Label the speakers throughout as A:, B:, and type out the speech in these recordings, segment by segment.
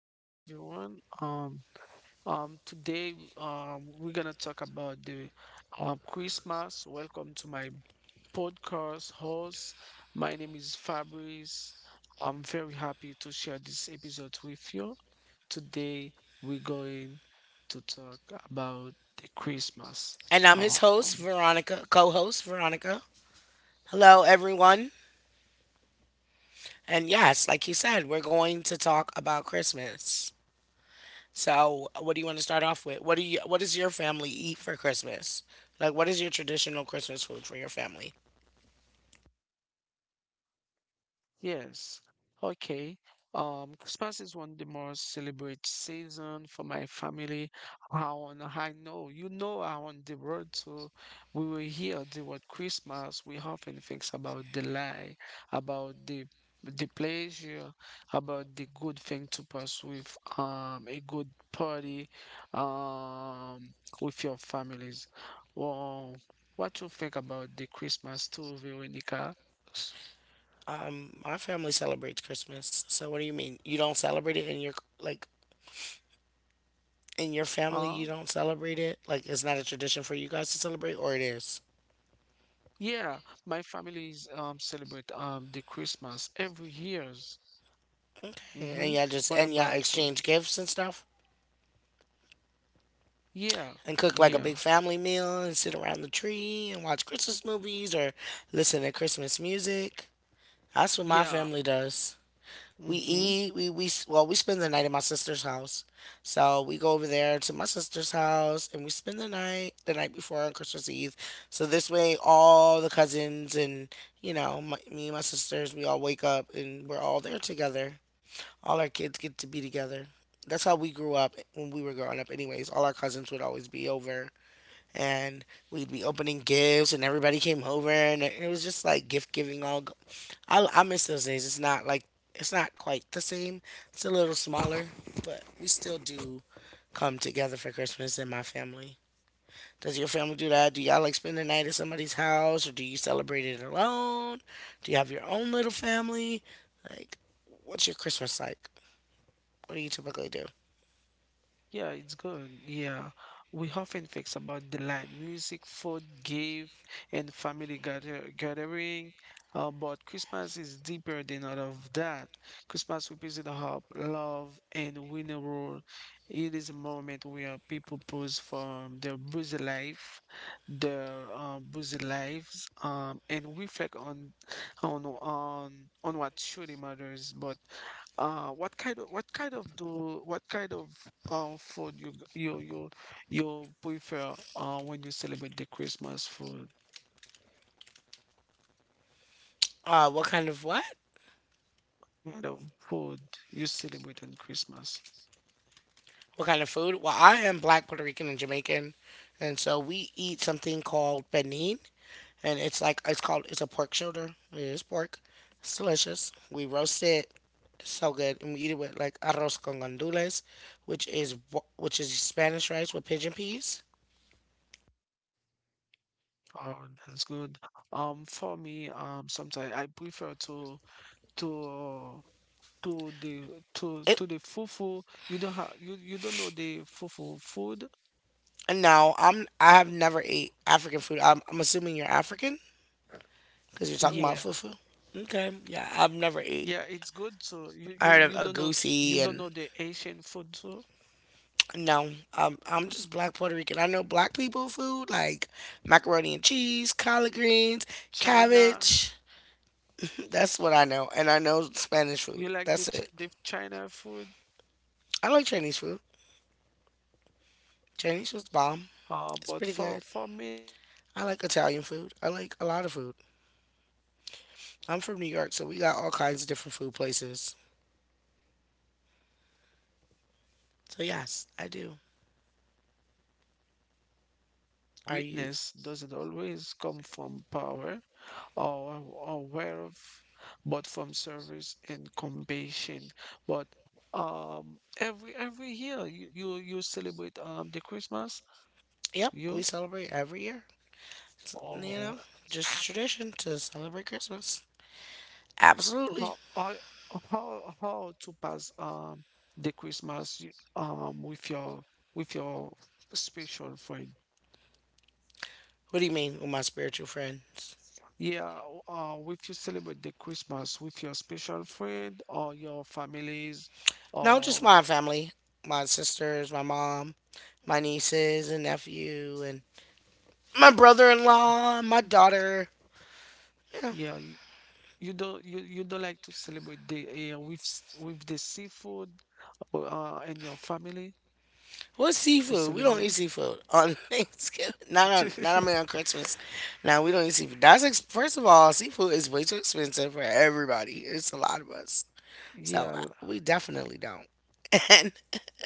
A: Hi everyone. Today, we're gonna talk about the Christmas. Welcome to my podcast host. My name is Fabrice. I'm very happy to share this episode with you. Today, we're going to talk about the Christmas.
B: And I'm
A: Um,
B: Monica, one. And yes, like you said, we're going to talk about Christmas. So, what do you want to start off with? What does your family eat for Christmas? Like what is your traditional Christmas food for your family?
A: Yes. Okay. Christmas is one of the most celebrated season for my family. How and I know, you know, I on the road to, we will hear the word Christmas. We often think about the lie, about the pleasure, about the good thing to pass with, a good party, um, with your families. Well, what you think about the Christmas too, Veronica?
B: My family celebrates Christmas. So, what do you mean? You don't celebrate it in your, like, in your family, you
A: Huh?
B: don't celebrate it? Like it's not a tradition for you guys to celebrate, or it is?
A: Yeah, my families celebrate the Christmas every years.
B: And
A: Mm-hmm.
B: y'all just
A: What
B: and y'all
A: about you?
B: exchange gifts and stuff,
A: Yeah,
B: and cook like a big
A: yeah,
B: family meal and sit around the tree and watch Christmas movies or listen to Christmas music. That's what my
A: yeah.
B: family does. We
A: Mm-hmm.
B: eat. We spend the night at my sister's house. So we go over there to my sister's house and we spend the night before on Christmas Eve. So this way, all the cousins and you know, me and my sisters, we all wake up and we're all there together. All our kids get to be together. That's how we grew up when we were growing up. Anyways, all our cousins would always be over and we'd be opening gifts and everybody came over and it was just like gift giving all go-. I miss those days. It's not quite the same. It's a little smaller, but we still do come together for Christmas in my family. Does your family do that? Do y'all like spend the night at somebody's house, or do you celebrate it alone? Do you have your own little family? Like what's your Christmas like? What do you typically do?
A: Yeah, it's good. Yeah. We often think about the light, music, food, gift, and family gathering. But Christmas is deeper than all of that. Christmas represents hope, love, and winning role. It is a moment where people pause from their busy life, their busy lives, and reflect on on on what truly matters. But what kind of do what kind of food you prefer when you celebrate the Christmas food?
B: uh what kind of what
A: What kind of food you celebrate on Christmas.
B: What kind of food? Well, I am black, Puerto Rican, and Jamaican, and so we eat something called benin, and it's a pork shoulder. It is pork. It's delicious. We roast it. It's so good, and we eat it with like arroz con gandules, which is Spanish rice with pigeon peas.
A: Oh, that's good. For me, sometimes I prefer to to the to
B: It
A: to the fufu. You don't know the fufu food.
B: no, I have never ate African food. I'm assuming you're African because you're talking about
A: Yeah,
B: fufu. Okay, yeah, I've never ate.
A: yeah, it's good. So you
B: I
A: you
B: heard of
A: you
B: a
A: don't know
B: goosey and
A: the Asian food too.
B: no, I'm just black Puerto Rican. I know black people food like macaroni and cheese, collard greens,
A: China.
B: cabbage. That's what I know, and I know Spanish food.
A: You like the
B: That's it.
A: Ch- the China food?
B: I like Chinese food. Chinese food's bomb.
A: Uh,
B: It's
A: but
B: pretty
A: for
B: good.
A: for many for
B: I like
A: many
B: Italian
A: um
B: food. I
A: Christian,
B: like a lot of
A: Christmas
B: food.
A: celebrate the birth
B: I'm from
A: of
B: New York, so we got
A: Jesus
B: all kinds of
A: Christ, a
B: different food
A: symbol
B: places.
A: of humility, sacrifice, and
B: So
A: unconditional
B: yes, I do.
A: love. The story remind us the
B: Are you?
A: greatness doesn't always come from power. Are aware of, but from service and combination. But every year you celebrate the Christmas.
B: Yep, we
A: You
B: celebrate every year. It's, you
A: oh,
B: know, just tradition to celebrate Christmas. Absolutely.
A: how I- how to pass the Christmas with your special friend.
B: What do you mean with my spiritual friends?
A: Yeah, if you celebrate the Christmas with your special friend or your families,
B: No, just
A: or
B: my family, my sisters, my mom, my nieces and nephew, and my brother-in-law, my daughter. You know,
A: yeah, you don't like to celebrate with the seafood or, and your family
B: what's
A: to
B: seafood? We don't eat
A: celebrate.
B: seafood on Thanksgiving. Not on, not, I mean, on Christmas. Now we don't eat seafood. First of all, seafood is way too expensive for everybody. It's a lot of us, so
A: Yeah, l-
B: we definitely don't. And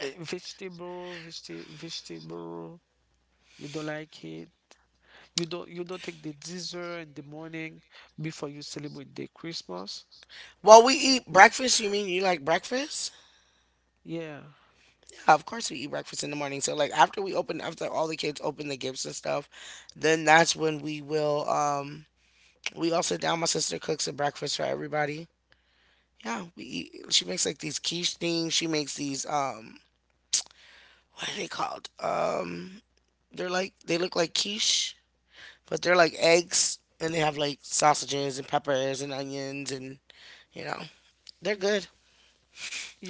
A: eh, vegetable. You don't like it. You don't take the dessert in the morning before you celebrate the Christmas.
B: well, we eat
A: L-
B: breakfast. You mean you like breakfast?
A: Yeah,
B: Yeah, of course, we eat breakfast in the morning. So like after all the kids open the gifts and stuff, then that's when we will. We all sit down. My sister cooks a breakfast for everybody. Yeah, we eat. She makes like these quiche things. She makes these. What are they called? They look like quiche, but they're like eggs, and they have like sausages and peppers and onions, and you know they're good.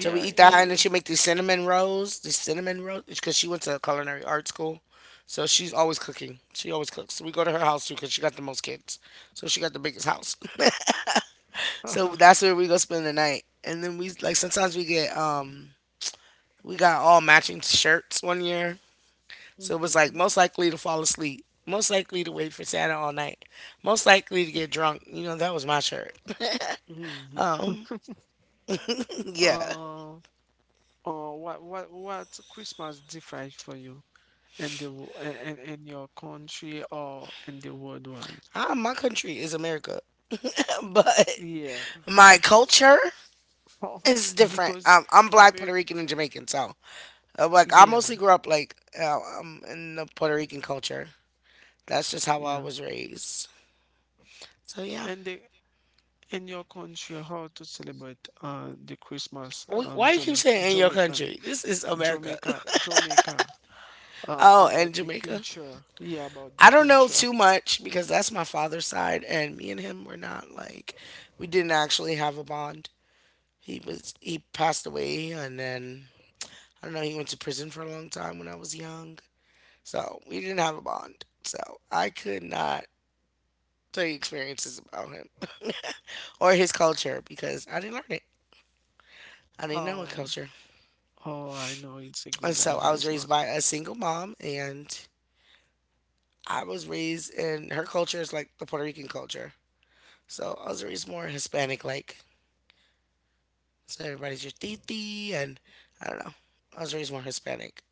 B: So we eat that, and then
A: Eh.
B: she make these cinnamon rolls. These cinnamon rolls, because she went to culinary art school, so she's always cooking. She always cooks. So we go to her house too, because she got the most kids, so she got the biggest house. So that's where we go spend the night, and then we like sometimes we get we got all matching shirts one year, so it was like
A: Mhm,
B: most likely to fall asleep. Most likely to wait for Santa all night. Most likely to get drunk. You know, that was my shirt.
A: mhm.
B: Yeah.
A: Uh, what Christmas different for you? In the w- in your country or in the worldwide.
B: My country is America. But
A: Yeah.
B: my culture,
A: How- how-
B: it's different.
A: Because
B: I'm
A: I
B: black, Puerto
A: mean,
B: Rican, and Jamaican, so like I
A: yeah,
B: mostly grew up like in the Puerto Rican culture. That's just how I
A: yeah.
B: was raised. So yeah.
A: And the in your country, how to celebrate the Christmas
B: Wh- Why you keep
A: Jamaica,
B: saying in your
A: Jamaican
B: country? This is America.
A: Jamaica Jamaica
B: Oh, and
A: about the
B: Jamaica.
A: culture. Yeah, about the
B: I don't know
A: culture.
B: too much because that's my father's side, and me and him were not like we didn't actually have a bond. He passed away, and then I don't know. He went to prison for a long time when I was young, so we didn't have a bond. So I could not tell you experiences about him or his culture because I didn't learn it. I didn't know a
A: Um.
B: culture.
A: Oh, I know it's a
B: And
A: good
B: so I was
A: advice,
B: raised
A: but
B: by a single mom, and I was raised in her culture is like the Puerto Rican culture. So I was raised more Hispanic like. So everybody's your titi and I don't know. I was raised more Hispanic.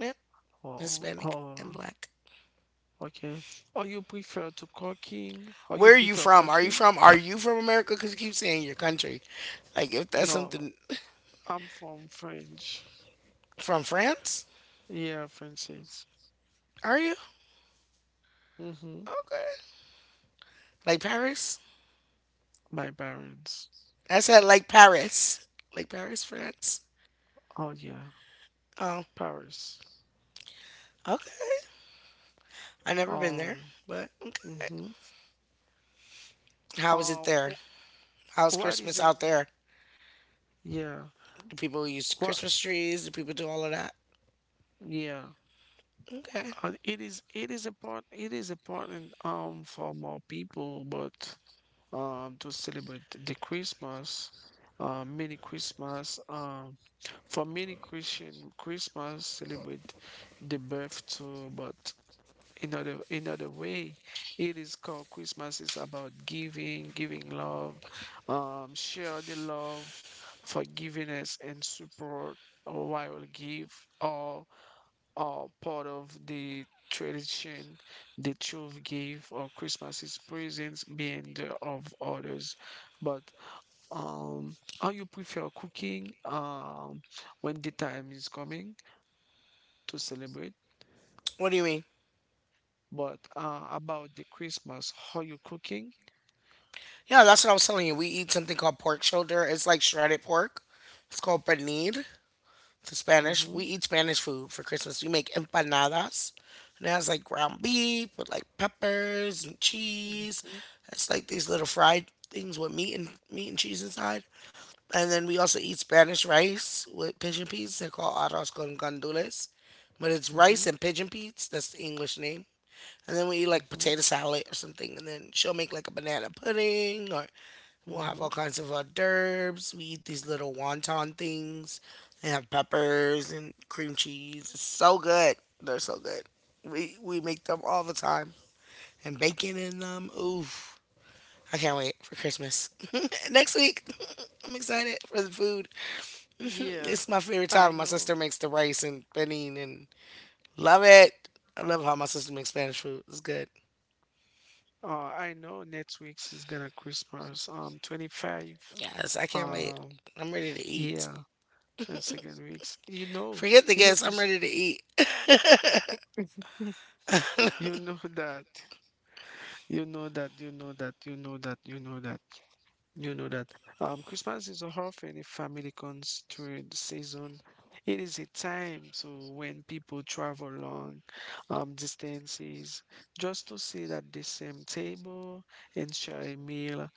B: Yep,
A: oh, oh,
B: Hispanic and
A: oh,
B: black.
A: okay. Or you prefer to cooking? Or you
B: Where are you
A: prefer
B: from? Are you
A: cooking?
B: from? Are you from America? Because you keep saying your country. Like if that's
A: No.
B: something
A: I'm from French.
B: from France,
A: Yeah, Francis.
B: are you?
A: Mm-hmm.
B: Okay. Like Paris?
A: My parents.
B: That's at Lake Paris. Lake Paris, France.
A: Oh yeah,
B: Oh,
A: Paris.
B: okay. I never been there,
A: Um.
B: but okay.
A: Mm-hmm.
B: How is it
A: Uh,
B: there?
A: wh-
B: How's
A: what is
B: Christmas out
A: im-
B: there?
A: yeah?
B: Do people use
A: What
B: Christmas trees? Do people do all of that?
A: yeah?
B: Okay.
A: It is important for more people, but to celebrate the Christmas. Many Christmas. For many Christian, Christmas celebrate the birth too, but in other way it is called. Christmas is about giving love, share the love, forgiveness and support, while give or all part of the tradition. The truth give or Christmas is presence being the of others. But um how you prefer cooking when the time is coming to celebrate.
B: What do you mean?
A: But about the Christmas, how you cooking?
B: Yeah, that's what I was telling you. We eat something called pork shoulder. It's like shredded pork. It's called pernil. It's Spanish. We
A: Mhm.
B: eat Spanish food for Christmas. We make empanadas. And it has like ground beef with like peppers and cheese.
A: Mhm.
B: It's like these little fried things with meat and meat and cheese inside. And then we also eat Spanish rice with pigeon peas. They're called arroz con gandules, but it's rice
A: Mhm.
B: and pigeon peas. That's the English name. And then we eat like
A: Mhm.
B: potato salad or something. And then she'll make like a banana pudding, or we'll have all
A: Mhm.
B: kinds of hors d'oeuvres. We eat these little wonton things. They have peppers and cream cheese. It's so good. They're so good. We make them all the time and bacon in them. Ooh, I can't wait for Christmas next week. I'm excited for the food.
A: Yeah,
B: It's my favorite
A: I
B: time. My
A: know.
B: sister makes the rice and benin and love it. I love how my sister makes Spanish food. It's good.
A: I know next week's is gonna Christmas. 25.
B: Yes, I can't wait.
A: Um,
B: I'm ready to eat.
A: yeah, and second weeks.
B: Forget the guests. I'm
A: Cause
B: ready to eat.
A: you know that, you know that, you know that, you know that, you know that. You know that Christmas is often a family constrained season. It is a time so when people travel long distances just to sit at the same table and share a meal.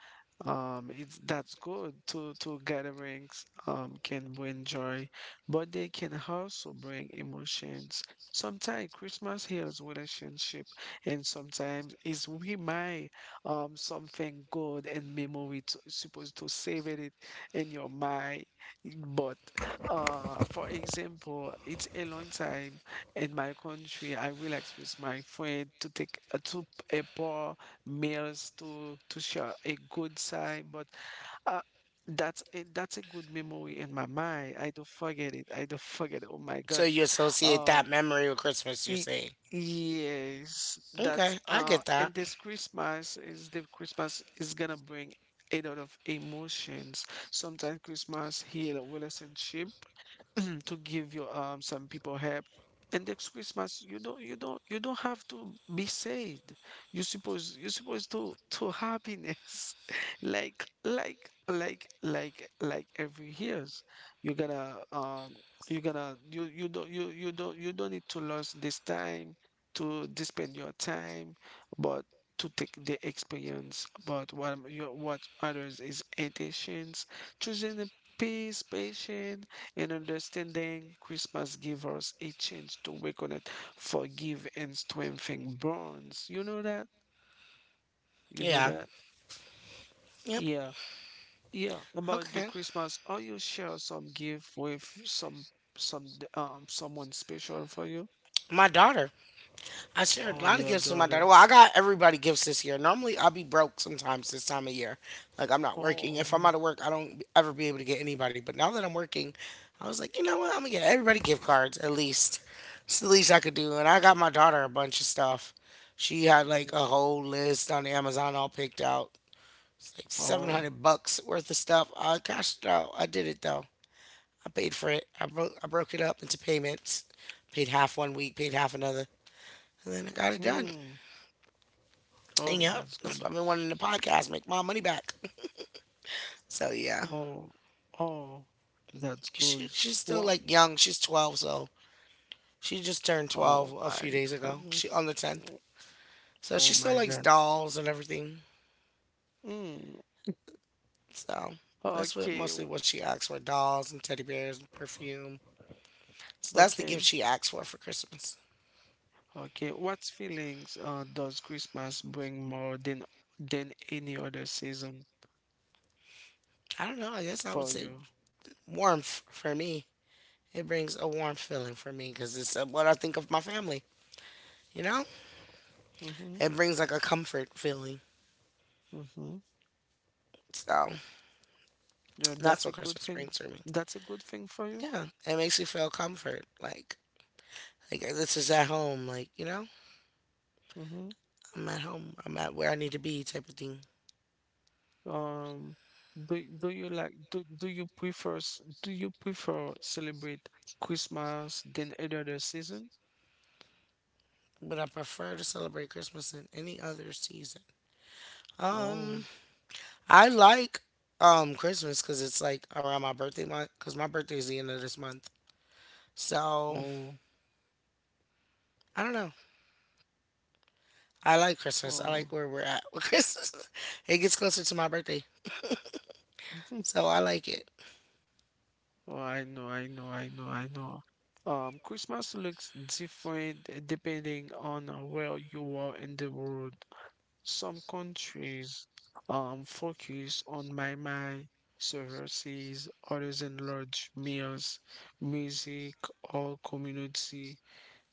A: It's that's good to gatherings can bring joy, but they can also bring emotions. Sometimes Christmas heals relationship, and sometimes it reminds something good in memory. It's supposed to save it in your mind. But for example, it's a long time in my country. I relax with my friend to take to a poor meals to share a good time. But uh, that's a good memory in my mind. I don't forget it. I don't forget it. Oh my
B: So
A: gosh.
B: you associate that
A: Um,
B: memory with Christmas, you're
A: Y-
B: saying?
A: Yes, that's
B: Okay, I get that.
A: and this Christmas is the Christmas is gonna bring a lot of emotions. Sometimes Christmas heal a relationship, to give your some people help. And next Christmas, you don't have to be sad. You supposed to happiness, like every years. You're gonna um you don't need to lose this time to spend your time, but to take the experience. But what matters is intentions, choosing the peace, patience and understanding. Christmas give us a chance to reconnect, forgive, and strengthen bonds. You know that? You know
B: Yeah.
A: that?
B: Yep.
A: Yeah, yeah. About the
B: Okay.
A: Christmas, are you share some gift with some someone special for you?
B: My daughter, I shared a
A: Oh,
B: lot of
A: your
B: gifts with my daughter.
A: daughter.
B: Well, I got everybody gifts this year. Normally, I'll be broke sometimes this time of year. Like, I'm not working. If I'm out
A: Oh,
B: of work, I don't ever be able to get anybody. But now that I'm working, I was like, you know what? I'm going to get everybody gift cards at least. It's the least I could do. And I got my daughter a bunch of stuff. She had like
A: mm,
B: a whole list on Amazon all picked out. It's like
A: oh,
B: 700 bucks worth of stuff. I cashed it out. I did it though. I paid for it. I broke it up into payments. Paid half one week, paid half another, and then I got it done.
A: mm, oh,
B: And yeah,
A: that's
B: that's
A: good.
B: why I've been wanting the podcast, make my money back. So yeah,
A: Oh, oh, that's
B: she
A: good.
B: she's still
A: Wow.
B: like young. She's 12, so she just turned 12
A: Oh
B: a
A: my
B: few days
A: God.
B: ago. She on the 10th, so
A: Oh
B: she still
A: my
B: likes
A: God.
B: dolls and everything.
A: Mm.
B: So that's what
A: Okay,
B: mostly
A: w-
B: what she asks for: dolls and teddy bears and perfume. So that's the gift
A: okay,
B: she asks for Christmas.
A: okay. What feelings does Christmas bring more than any other season
B: I don't know. I guess I would
A: for
B: say
A: you?
B: warmth for me. It brings a warm feeling for me because it's what I think of my family. You know,
A: Mm-hmm,
B: it brings like a comfort feeling.
A: mm-hmm.
B: So
A: Yeah,
B: that's
A: that's
B: what
A: a good
B: Christmas
A: thing.
B: brings for me.
A: That's a good thing for you.
B: Yeah, it makes you feel comfort. Like, this is at home. Like, you know,
A: Mm-hmm.
B: I'm at home. I'm at where I need to be, type of thing.
A: Um, do do you like do do you prefer s- do you prefer celebrate Christmas than any other season?
B: But I prefer to celebrate Christmas than any other season.
A: Oh,
B: Um, I like Christmas because it's like around my birthday month. Because my birthday is the end of this month. So
A: oh,
B: I don't know. I like Christmas. I
A: oh.
B: like where we're at with Christmas. It gets closer to my birthday, so I like it.
A: Oh, I know. Christmas looks different, depending on, where you are in the world. Some countries focus on my services, others enlarge meals, music, or community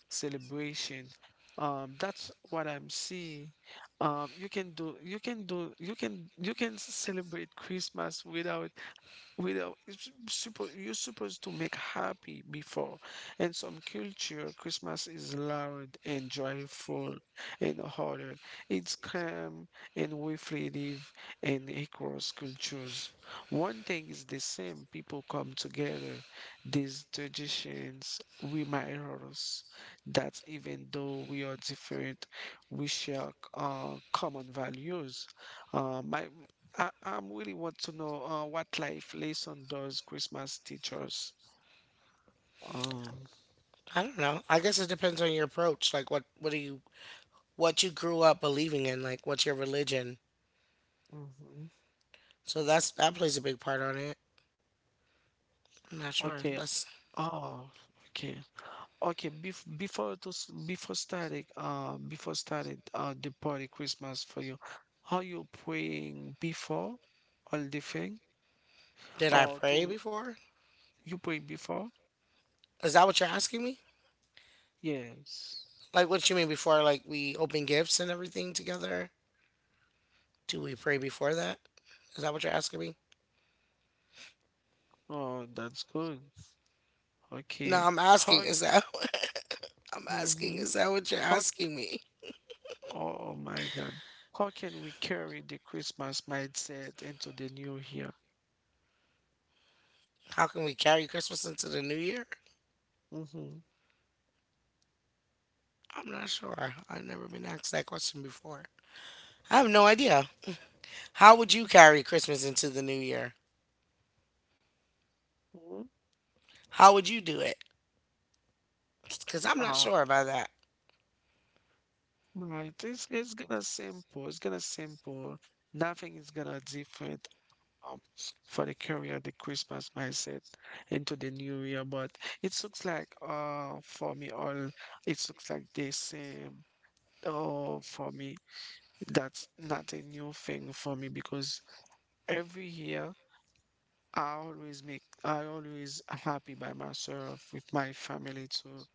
A: celebration. That's what I'm seeing. You can do, you can do, you can celebrate Christmas without it's super. You're supposed to make happy before, and some culture Christmas is loud and joyful, and harder it's calm and reflective. And across cultures one thing is the same: people come together. These traditions remind us that even though we are different, we share common values. My I really want to know, what life lesson does Christmas teach us? Um,
B: I don't know. I guess it depends on your approach. Like, what do you what you grew up believing in? Like, what's your religion?
A: mhm.
B: So that plays a big part on it. I'm not sure.
A: Okay.
B: That's
A: Oh, okay. Okay. Before starting before started the party Christmas for you, are you praying before all the thing?
B: did I
A: Or
B: pray
A: to
B: before?
A: you pray before?
B: Is that what you're asking me?
A: Yes.
B: Like what you mean before like we open gifts and everything together? Do we pray before that? Is that what you're asking me?
A: Oh, that's good.
B: No,
A: Okay.
B: I'm asking,
A: How?
B: is that I'm asking,
A: Mm-hmm.
B: is that what you're asking me?
A: Oh my God. How can we carry the Christmas mindset into the new year?
B: How can we carry Christmas into the new year?
A: Mm-hmm.
B: I'm not sure. I've never been asked that question before. I have no idea. How would you carry Christmas into the new year?
A: Hmm.
B: How would you do it? Because I'm not
A: Um,
B: sure about that.
A: right. It's gonna simple. It's gonna simple. Nothing is gonna different um for the carry the Christmas mindset into the new year. But it looks like for me all, it looks like the same. Oh, for me, that's not a new thing for me because every year I always happy by myself with my family too,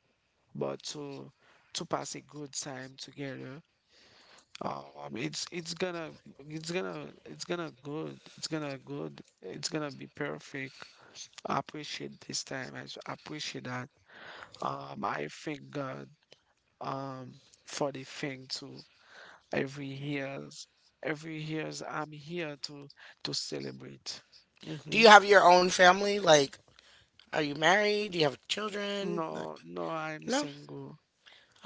A: but to pass a good time together. It's gonna it's gonna it's gonna good it's gonna good it's gonna be perfect. I appreciate this time. I appreciate that. I thank God um for the thing too. Every years every years I'm here to celebrate.
B: Do
A: Mm-hmm.
B: you have your own family? Like, are you married? Do you have children? Like,
A: No, no, I'm
B: no.
A: single.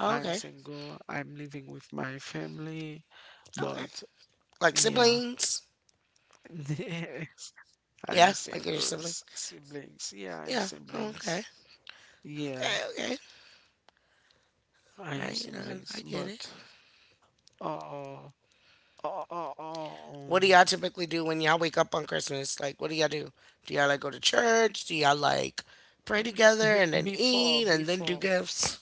B: Oh,
A: I'm
B: okay.
A: single. I'm living with my family,
B: Okay.
A: but
B: Like
A: yeah,
B: siblings?
A: I'm
B: Yeah. Like your sibling?
A: singles, siblings. Yeah, I'm
B: Yeah. Oh, okay.
A: siblings. Yeah,
B: Okay. Okay.
A: I'm
B: Right. I
A: siblings.
B: get it.
A: But uh, uh, uh, uh
B: What do
A: um,
B: y'all typically do when y'all wake up on Christmas? Like, what do y'all do? Do y'all like go to church? Do y'all like pray together
A: be
B: and then
A: before,
B: eat and then do
A: before,
B: gifts?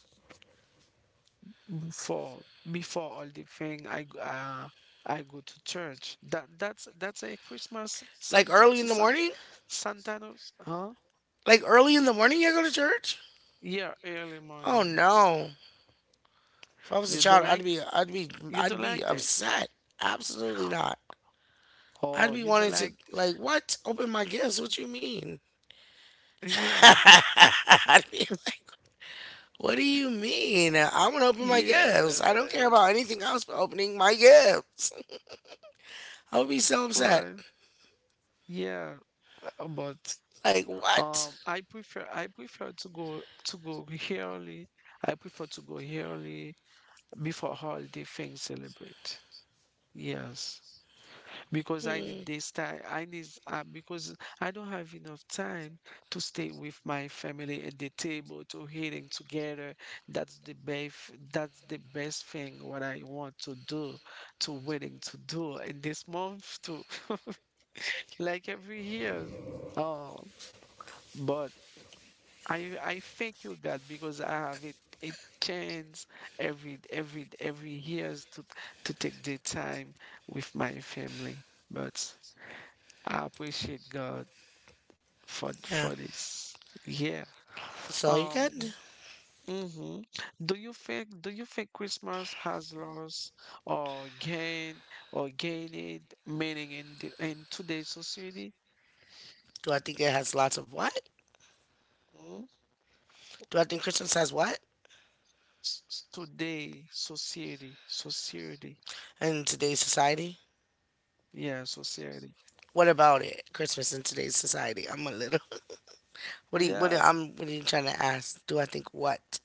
A: before, before all the thing, I go to church. That's a Christmas
B: Like
A: Santa
B: early in the
A: San,
B: morning?
A: Santanos, huh?
B: Like early in the morning, y'all go to church?
A: Yeah, early
B: Oh
A: morning.
B: no! If I was a
A: You don't
B: child,
A: like You
B: I'd
A: don't
B: be
A: like this?
B: upset. Absolutely not. I'd
A: Oh,
B: be
A: you don't
B: wanting to
A: like?
B: like what? Open my gifts? What you mean?
A: Yeah,
B: I'd be like, what do you mean? I want to open my gifts. I don't care
A: yeah.
B: about anything else but opening my gifts. I would be so upset.
A: Well, yeah. But
B: Like what?
A: I prefer to go here early. I prefer to go here early before holiday things celebrate. Yes, because I
B: Hmm,
A: need this time. I need, because I don't have enough time to stay with my family at the table to eating together. That's the best. That's the best thing what I want to do, to willing to do in this month too, like every year. Oh, but I thank you God because I have it. It chance every years to take the time with my family. But I appreciate God for
B: yeah,
A: for this. Yeah.
B: that's all you can do.
A: Um. Hmm. Do you think Christmas has lost or gain, or gained meaning in in today's society?
B: Do I think it has lots of what?
A: Mm?
B: Do I think Christmas has what
A: Today society, society.
B: in today's society?
A: Yeah, society.
B: What about it? Christmas in today's society? I'm a little. What do you? What? Do-
A: Yeah.
B: I'm. What are you trying to ask? Do I think what?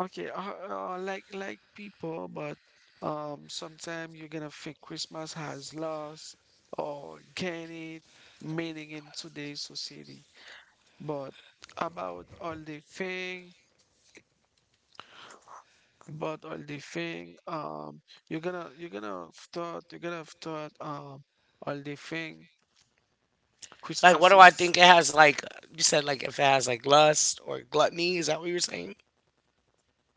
A: Okay, like people, but sometimes you're gonna think Christmas has lost or gained it meaning in today's society. But about all the thing, you're gonna have thought all the thing
B: Like, what
A: Christmas
B: do I
A: is
B: think it has? Like, you said, like, if it has like lust or gluttony, is that what you were saying?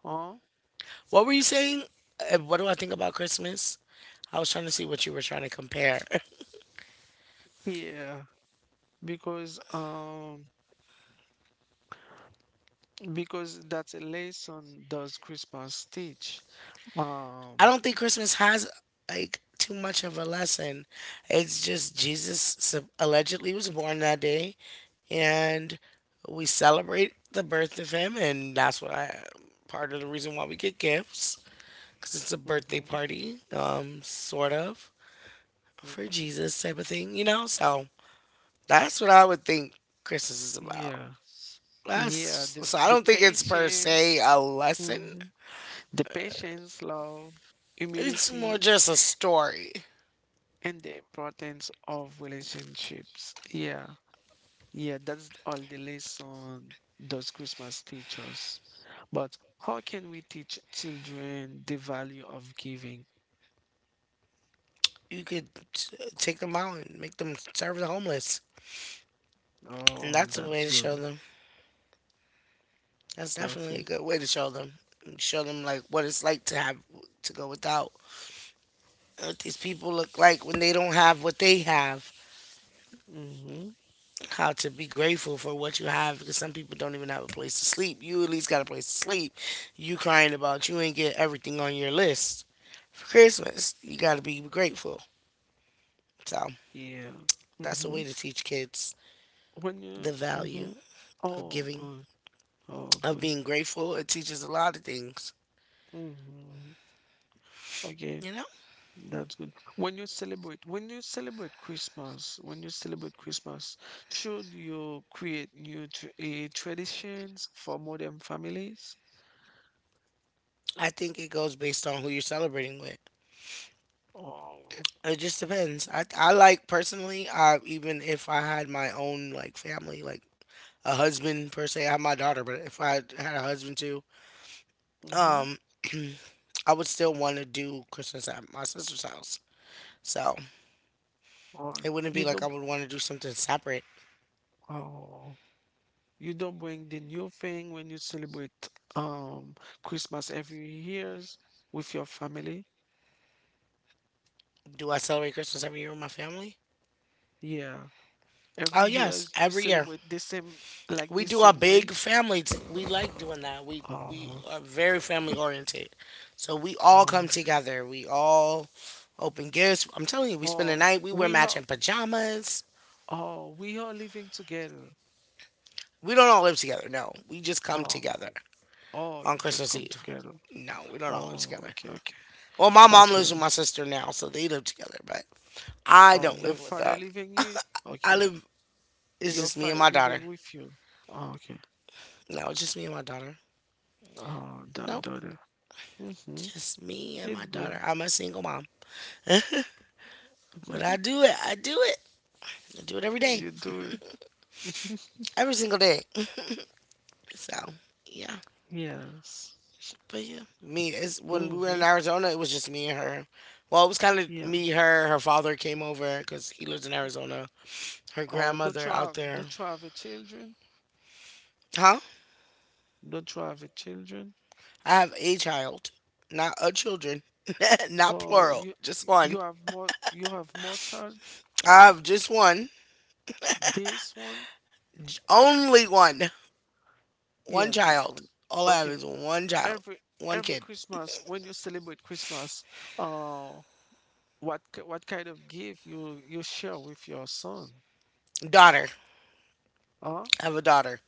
A: on
B: What were you saying? What do I think about Christmas? I was trying to see what you were trying to compare.
A: here, because that's a lesson does Christmas teach
B: I
A: um.
B: don't think Christmas has like too much of a lesson. It's just Jesus allegedly was born that day, and we celebrate the birth of him, and that's what I part of the reason why we get gifts because it's a birthday
A: Mhm.
B: party, sort of for
A: Mhm.
B: Jesus type of thing, you know. So that's what I would think Christmas is about.
A: Yeah.
B: That's
A: Yeah, the
B: so I
A: the
B: don't think it's per
A: patience,
B: se a lesson.
A: mhm. The patience, love,
B: It's more
A: humility,
B: just a story.
A: and the importance of relationships. Yeah, yeah, that's all the lesson does Christmas teach us. But how can we teach children the value of giving?
B: You could take them out and make them serve the homeless, and
A: Oh,
B: that's a way
A: that's
B: to show
A: good.
B: them. That's definitely a
A: Perfect.
B: good way to show them. Show them like what it's like to have to go without. What these people look like when they don't have what they have.
A: Mm-hmm.
B: How to be grateful for what you have because some people don't even have a place to sleep. You at least got a place to sleep. You crying about you ain't get everything on your list for Christmas. You got to be grateful. So
A: Yeah.
B: that's a
A: Mm-hmm.
B: way to teach kids
A: When
B: the
A: you,
B: value
A: mm-hmm.
B: of
A: Oh,
B: giving,
A: good. Oh,
B: of
A: good.
B: being grateful. It teaches a lot of things.
A: Mm-hmm. Okay,
B: You know,
A: that's good. When you celebrate Christmas, when you celebrate Christmas, should you create new traditions for modern families?
B: I think it goes based on who you're celebrating with.
A: Oh,
B: It just depends. I like personally, I, even if I had my own like family, like a husband per se, I have my daughter, but if I had a husband too,
A: mm-hmm.
B: um, I would still want to do Christmas at my sister's house. So
A: Or
B: it wouldn't be
A: you
B: like
A: don't
B: I
A: put,
B: would want to do something separate.
A: oh. You don't bring the new thing when you celebrate um Christmas every years with your family.
B: Do I celebrate Christmas every year with my family?
A: Yeah,
B: Oh
A: every
B: yes,
A: years you
B: every year
A: celebrate the same, like
B: we
A: the
B: do a
A: same
B: big
A: way.
B: family. We like doing that. We
A: Oh,
B: are very family oriented, so we all come
A: oh,
B: together. We all open gifts. I'm telling you, we spend the
A: oh,
B: night. We wear
A: we are
B: matching pajamas.
A: oh, we are living together.
B: We don't all live together. No, we just come together
A: Oh, oh,
B: on
A: you just
B: Christmas
A: come
B: Eve.
A: together.
B: No, we don't all live
A: Oh,
B: together.
A: okay, okay,
B: Well, my mom lives with
A: okay.
B: my sister now, so they live together. But I
A: Oh,
B: don't
A: your
B: live with
A: father
B: them.
A: leaving you?
B: I
A: Okay,
B: live. It's
A: your
B: just me and
A: father
B: my daughter.
A: leaving with you. Oh, okay.
B: No, it's just me and my daughter.
A: Oh, da
B: No,
A: daughter. Mm-hmm.
B: just me and my
A: It's good.
B: daughter. I'm a single mom. But I do it. I do it. I do it every day,
A: You do it.
B: every single day. So yeah,
A: Yes.
B: but yeah, me is when we were
A: Mm-hmm.
B: in Arizona, it was just me and her. Well, it was kind of
A: Yeah.
B: me, her. Her father came over because he lives in Arizona. Her
A: Or don't
B: grandmother
A: you
B: out
A: have
B: there.
A: don't you have a children?
B: Huh?
A: Don't you have a children?
B: I have a child, not a children, not
A: Or
B: plural, just one.
A: you have more child?
B: I have just one,
A: This one?
B: only one, one
A: Yeah, this
B: child.
A: one.
B: All I have
A: Okay.
B: is one child,
A: Every
B: one
A: every
B: kid,
A: Christmas when you celebrate Christmas, uh, what kind of gift you share with your son?
B: daughter.
A: Huh?
B: I have a daughter.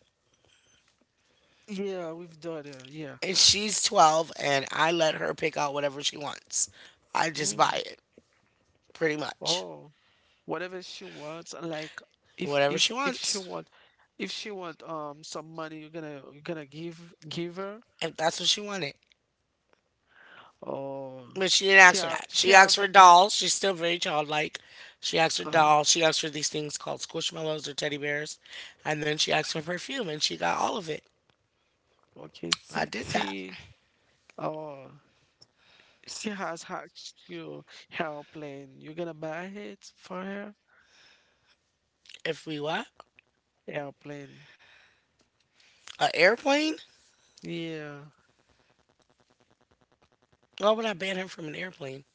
A: Yeah, with daughter, yeah.
B: And she's 12, and I let her pick out whatever she wants. I just
A: Mm.
B: buy it pretty much
A: Oh, whatever she wants. Like
B: whatever she
A: if she
B: wants
A: want, um, some money, you're gonna give her,
B: if that's what she wanted.
A: or
B: But she didn't ask for that.
A: she
B: She asked
A: have,
B: for dolls. She's still very childlike. She asked for
A: uh,
B: dolls. She asked for these things called squishmallows or teddy bears, and then she asked for perfume, and she got all of it.
A: okay
B: I did that.
A: she, uh, she has her, your airplane. You're gonna buy it for her
B: If we what
A: airplane.
B: an airplane?
A: Yeah,
B: Why would I ban her from an airplane?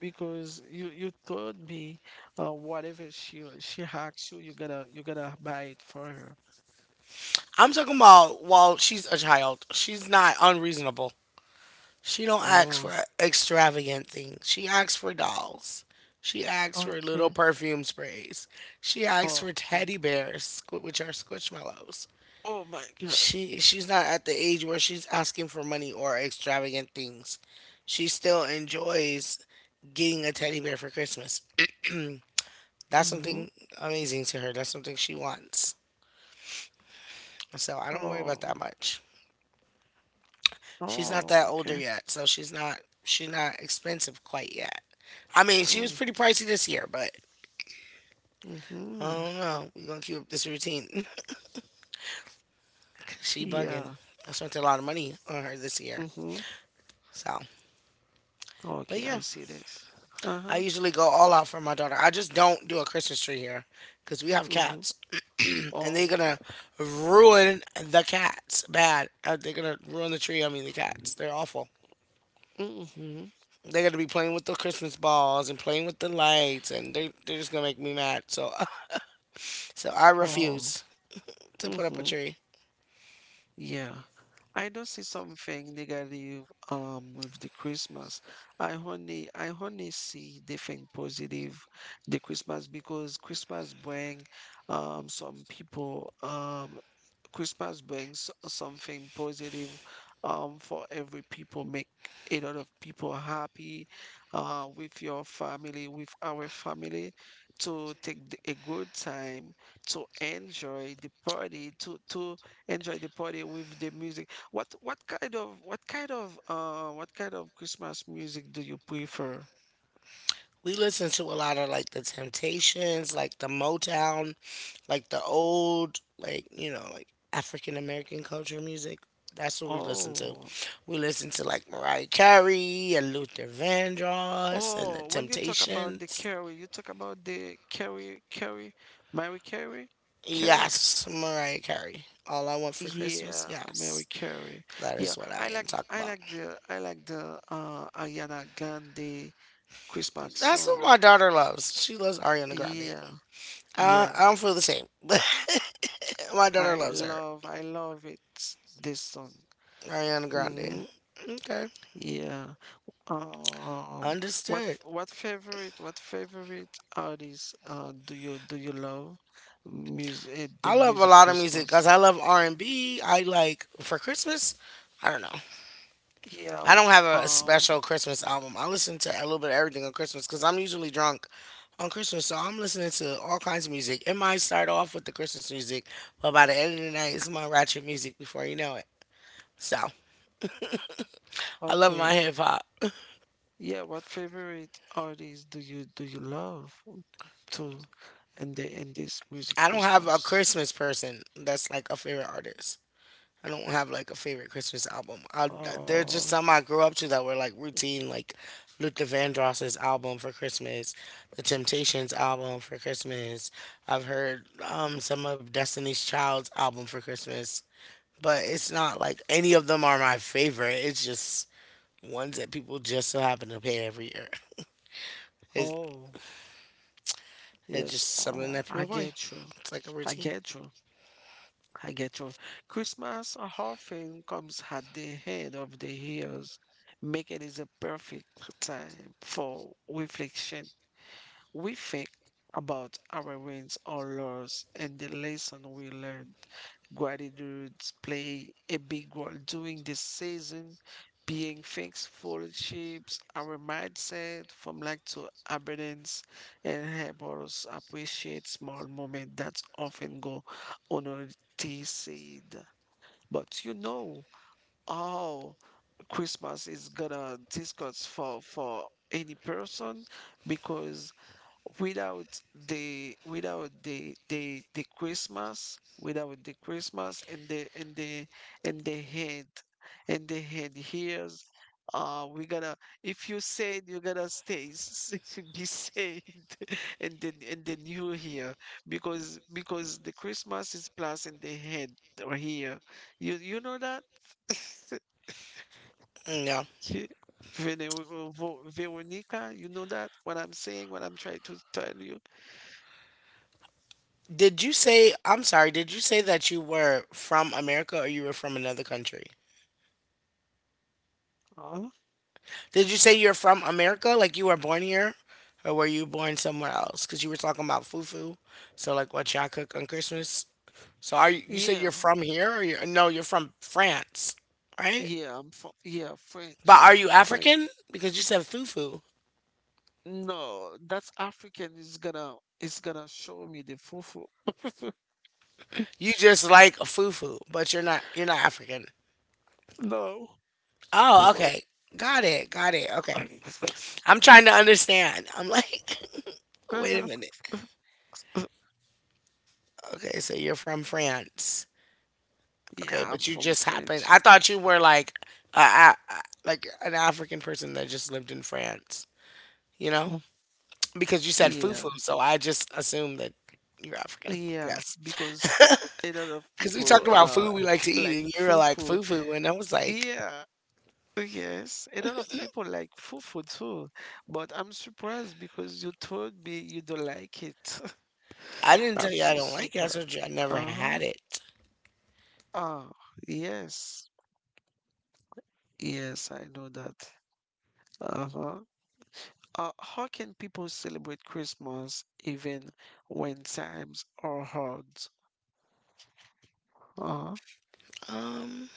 A: because you told me, uh, whatever she asks you, you got to buy it for her.
B: I'm talking about while she's a child. She's not unreasonable. She don't ask for
A: Oh,
B: extravagant things. She asks for dolls. She asks for little
A: okay.
B: perfume sprays. She asks for
A: Okay.
B: teddy bears, which are squishmallows.
A: Oh my God.
B: She she's not at the age where she's asking for money or extravagant things. She still enjoys getting a teddy bear for Christmas. That's
A: Mm-hmm.
B: something amazing to her. That's something she wants. So I don't worry about
A: Oh,
B: that much. She's not
A: oh,
B: that older
A: okay.
B: yet, so she's not expensive quite yet. I mean, she was
A: Mm,
B: pretty pricey this year, but I
A: mm-hmm.
B: don't know. We're gonna keep up this routine. She bugging.
A: Yeah.
B: I spent a lot of money on her this year.
A: Mm-hmm.
B: So,
A: Oh,
B: but
A: Okay, I
B: yeah,
A: see this.
B: I
A: Uh-huh.
B: usually go all out for my daughter. I just don't do a Christmas tree here because we have
A: Mm-hmm.
B: cats, and they're
A: Oh.
B: gonna ruin the cats bad. They're gonna ruin the tree. I mean, the cats. They're awful.
A: Mm-hmm.
B: They're gonna be playing with the Christmas balls and playing with the lights, and they're just gonna make me mad. So so I
A: Oh.
B: refuse to put up a
A: Mm-hmm.
B: tree.
A: Yeah. I don't see something negative with the Christmas. I only see the thing positive the Christmas, because Christmas bring some people Christmas brings something positive, for every people, make a lot of people happy, with your family, with our family, to take the, a good time, to enjoy the party, to enjoy the party with the music. What kind of what kind of what kind of Christmas music do you prefer?
B: We listen to a lot of like the Temptations, like the Motown, like the old, like, you know, like African American culture music. That's what we listen to.
A: Oh.
B: We listen to like Mariah Carey and Luther Vandross and the
A: Oh, when you talk about the
B: Temptations.
A: Carrie, you talk about the Carrie, Carrie, Mary Carrie, Carrie.
B: Yes, Mariah Carey. All I want for Christmas,
A: Yeah, Mary
B: yes.
A: Carey.
B: That
A: Yeah,
B: is what I am talking about.
A: I like the Ariana Grande Christmas
B: That's what
A: song.
B: my daughter loves. She loves Ariana Grande.
A: Yeah, yeah.
B: I don't feel the same. My daughter loves her.
A: I love it this song.
B: Ariana Grande.
A: Hmm.
B: Okay.
A: Yeah. Um,
B: Understood.
A: what favorite artist, uh, do you love music, the
B: I love a
A: music
B: lot of music
A: Christmas?
B: because I love R&B. I like for Christmas. I don't know.
A: Yeah.
B: I don't have a
A: Uh
B: special Christmas album. I listen to a little bit of everything on Christmas because I'm usually drunk on Christmas, so I'm listening to all kinds of music. It might start off with the Christmas music, but by the end of the night, it's my ratchet music before you know it. So I love my
A: okay.
B: hip hop.
A: Yeah, what favorite artists do you love to in the in this music
B: I don't have a
A: Christmas?
B: Christmas person that's like a favorite artist. I don't have like a favorite Christmas album. I, there are just
A: Oh,
B: some I grew up to that were like routine, like Luther Vandross's album for Christmas, the Temptations album for Christmas. I've heard some of Destiny's Child's album for Christmas, but it's not like any of them are my favorite. It's just ones that people just so happen to play every year. It's,
A: oh,
B: it's
A: yes.
B: just something
A: Uh,
B: that
A: I
B: people play.
A: get you.
B: It's like a
A: I
B: routine.
A: get you. I get you. Christmas often comes at the head of the years, making it a perfect time for reflection. We think about our wins or loss and the lesson we learned. Gratitude play a big role during this season. Being thankful shapes our mindset from lack to abundance and help us appreciate small moments that often go unnoticed. But you know how Christmas is gonna discuss for any person, because without the Christmas and the head hears. We gotta. If you said you gotta stay, be saved, and then you here, because the Christmas is plus in the head or here. You know that.
B: Mm, yeah.
A: Ye- Veronica, you know that what I'm saying, what I'm trying to tell you.
B: Did you say, I'm sorry, did you say that you were from America or you were from another country? Did you say you're from America? Like you were born here, or were you born somewhere else? Because you were talking about fufu. So like, what y'all cook on Christmas? So are you, you said
A: Yeah,
B: you're from here, or you're, no, you're from France, right?
A: yeah, I'm fr yeah, French.
B: But are you
A: French.
B: African? Because you said fufu.
A: No, that's African is gonna show me the fufu.
B: You just like fufu, but you're not African.
A: No.
B: Oh, okay. Got it. Got it. Okay. I'm trying to understand. I'm like, wait a minute. Okay, so you're from France. Okay,
A: Yeah, I'm
B: but you
A: from
B: just happened.
A: French.
B: I thought you were like a, a, like an African person that just lived in France. You know,
A: Mm.
B: because you said
A: Yeah,
B: fufu, so I just assumed that you're African. I
A: yeah,
B: guess
A: because a lot of
B: because we
A: people
B: talked about food we like to eat,
A: like
B: and you were like
A: fufu.
B: fufu, and I was like,
A: Yeah. Oh, yes, a lot of people like fufu too, but I'm surprised because you told me you don't like it.
B: I didn't tell
A: I'm
B: you I
A: so
B: don't like it. I
A: surprised.
B: told you I never had
A: Uh-huh.
B: it.
A: Oh, yes. Yes, I know that. Uh-huh. How can people celebrate Christmas even when times are hard? Uh-huh.
B: Um,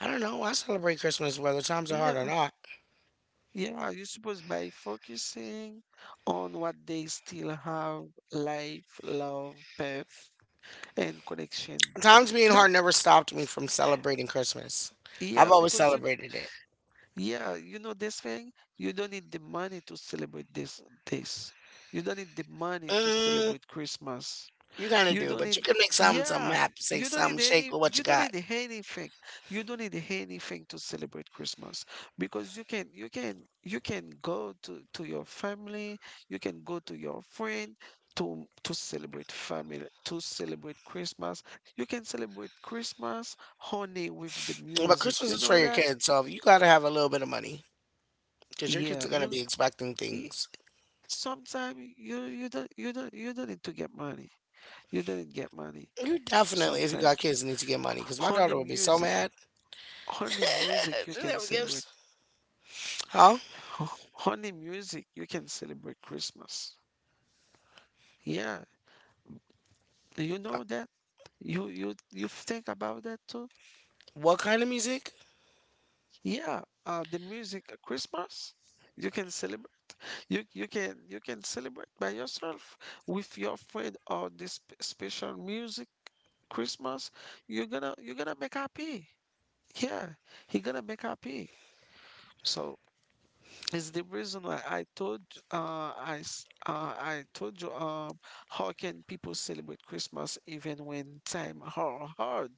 B: I don't know. I celebrate Christmas whether times are hard or
A: Yeah,
B: not.
A: yeah, you suppose by focusing on what they still have: life, love, pets, and connection.
B: Times being
A: Not
B: hard never stopped me from celebrating Christmas.
A: yeah,
B: I've always
A: because
B: celebrated it.
A: yeah, you know this thing, you don't need the money to celebrate this. You don't need the money to
B: Mm,
A: celebrate Christmas.
B: you gotta
A: You
B: do,
A: don't
B: but
A: need,
B: you can make some something
A: yeah,
B: happen, say something shake with what you
A: you don't
B: got.
A: need anything. You don't need anything to celebrate Christmas, because you can go to your family, you can go to your friend to celebrate family, to celebrate Christmas. You can celebrate Christmas honey with the
B: But
A: music.
B: Christmas
A: You
B: is
A: know
B: for your
A: that?
B: kids, so you gotta have a little bit of money because your kids
A: Yeah,
B: are gonna
A: you
B: be expecting things.
A: sometimes you don't need to get money. You don't need get money
B: You definitely, if you got
A: sometimes.
B: kids, need to get money because my
A: Honey
B: daughter would be so
A: music.
B: mad.
A: Only music you
B: She
A: can
B: never
A: celebrate.
B: gives. Huh?
A: Only music you can celebrate Christmas. Yeah, do you know that? You think about that too?
B: What kind of music?
A: Yeah, the music, Christmas. You can celebrate. You can celebrate by yourself with your friend or this special music Christmas. You're gonna make happy. Yeah, he gonna make happy. So is the reason why I told, I told you, um, how can people celebrate Christmas even when time are hard?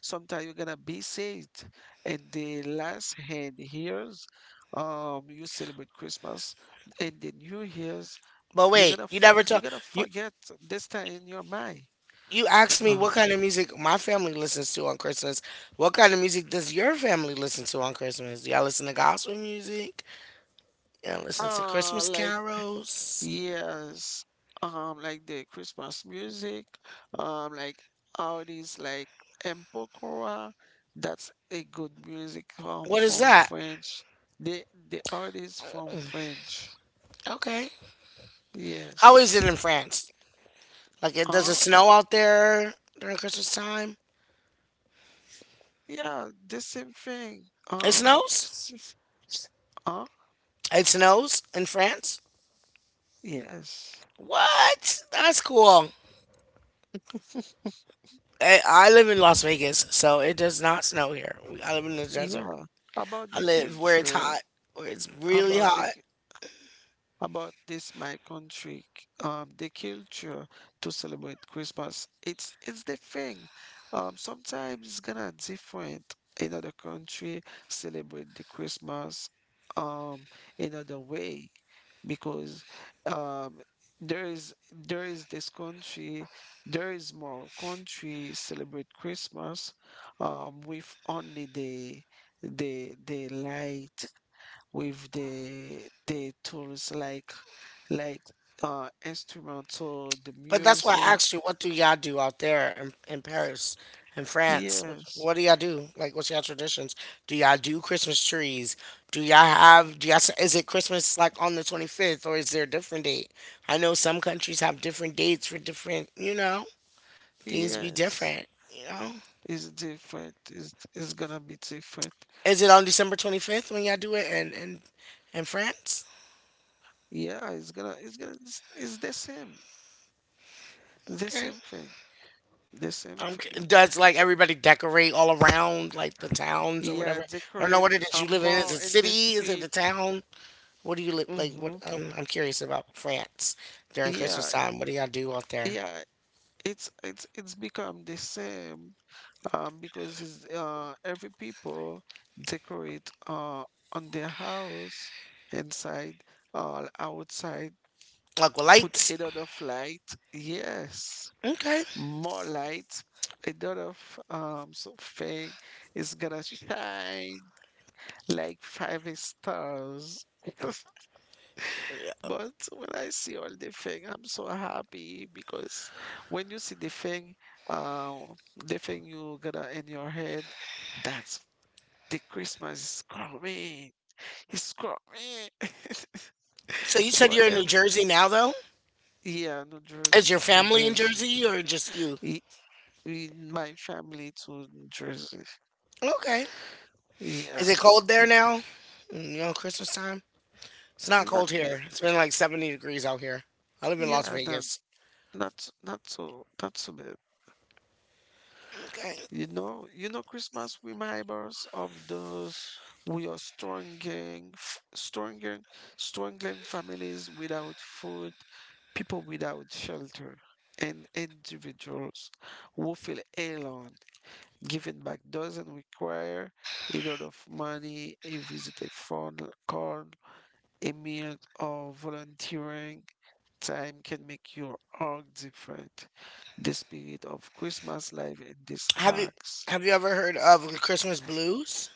A: Sometimes you're gonna be saved, and the last hand years, um, you celebrate Christmas, and the New Year's
B: But
A: you're
B: wait,
A: gonna
B: you never
A: you're
B: told
A: gonna
B: you.
A: forget this time in your mind.
B: You asked me
A: Uh,
B: what kind of music my family listens to on Christmas. What kind of music does your family listen to on Christmas? Do y'all listen to gospel music? Y'all listen to Christmas
A: like
B: carols?
A: yes, like the Christmas music, like how it is like Empokora, that's a good music,
B: What is
A: from
B: that?
A: French. The artist from French.
B: Okay. How is
A: Yes.
B: it in France? Like, does it
A: Uh,
B: snow out there during Christmas time?
A: yeah, the same thing.
B: It
A: Um,
B: snows?
A: uh,
B: It snows in France?
A: yes.
B: What? That's cool. I live in Las Vegas, so it does not snow here. I live in the desert.
A: Yeah. About
B: I
A: the
B: live where it's
A: culture,
B: hot, where it's really
A: about the
B: hot.
A: about this my country, um, the culture to celebrate Christmas, it's the thing, um, sometimes it's gonna different in other country celebrate the Christmas, um, in other way, because um there is this country, there is more country celebrate Christmas, um, with only the light, with the tools like, like uh, instrumental, the
B: But that's why I
A: music.
B: asked you, what do y'all do out there in Paris, in France?
A: Yes,
B: What do y'all do? Like, what's y'all traditions? Do y'all do Christmas trees? Do y'all have, do y'all, is it Christmas like on the 25th or is there a different date? I know some countries have different dates for different, you know, things be
A: yes.
B: different, you know?
A: It's different. It's gonna be different.
B: Is it on December 25th when y'all do it in France?
A: Yeah, it's the same. The
B: Okay.
A: same thing. The same thing.
B: Does like everybody decorate all around like the towns or
A: Yeah,
B: whatever? I don't know what
A: decorate
B: it is
A: a
B: you live in. Is
A: mall
B: it
A: in the
B: city? Is it the
A: street.
B: town? What do you live like? What
A: Mm-hmm.
B: I'm curious about France during Christmas
A: Yeah,
B: time. What do y'all do out there?
A: yeah. It's become the same, because it's, every people decorate, on their house inside or outside,
B: Like with
A: put
B: lights?
A: another light, yes,
B: Okay.
A: more light, a lot of, um, something is gonna shine like five stars.
B: Yeah.
A: But when I see all the thing, I'm so happy, because when you see the thing, uh, the thing you got to in your head, that's the Christmas is coming. It's coming.
B: So you said you're in New
A: Whatever.
B: Jersey now, though.
A: Yeah, New
B: Is your
A: Jersey. New
B: family in
A: Jersey.
B: Jersey or just you?
A: I- In my family to New Jersey.
B: Okay.
A: Yeah.
B: Is it cold there
A: N-
B: now? Mm, you know, Christmas time. It's not
A: Not
B: cold
A: bad.
B: here. It's been like 70 degrees out here. I live in Las
A: Yeah, not
B: Vegas.
A: not so bad.
B: Okay.
A: You know, Christmas reminds us of those we are struggling, struggling families without food, people without shelter, and individuals who feel alone. Giving back doesn't require a lot of money: a visit, a phone call, a meal, or volunteering. Time can make your all different. The spirit of Christmas life in these
B: Have you
A: acts.
B: have you ever heard of the Christmas blues?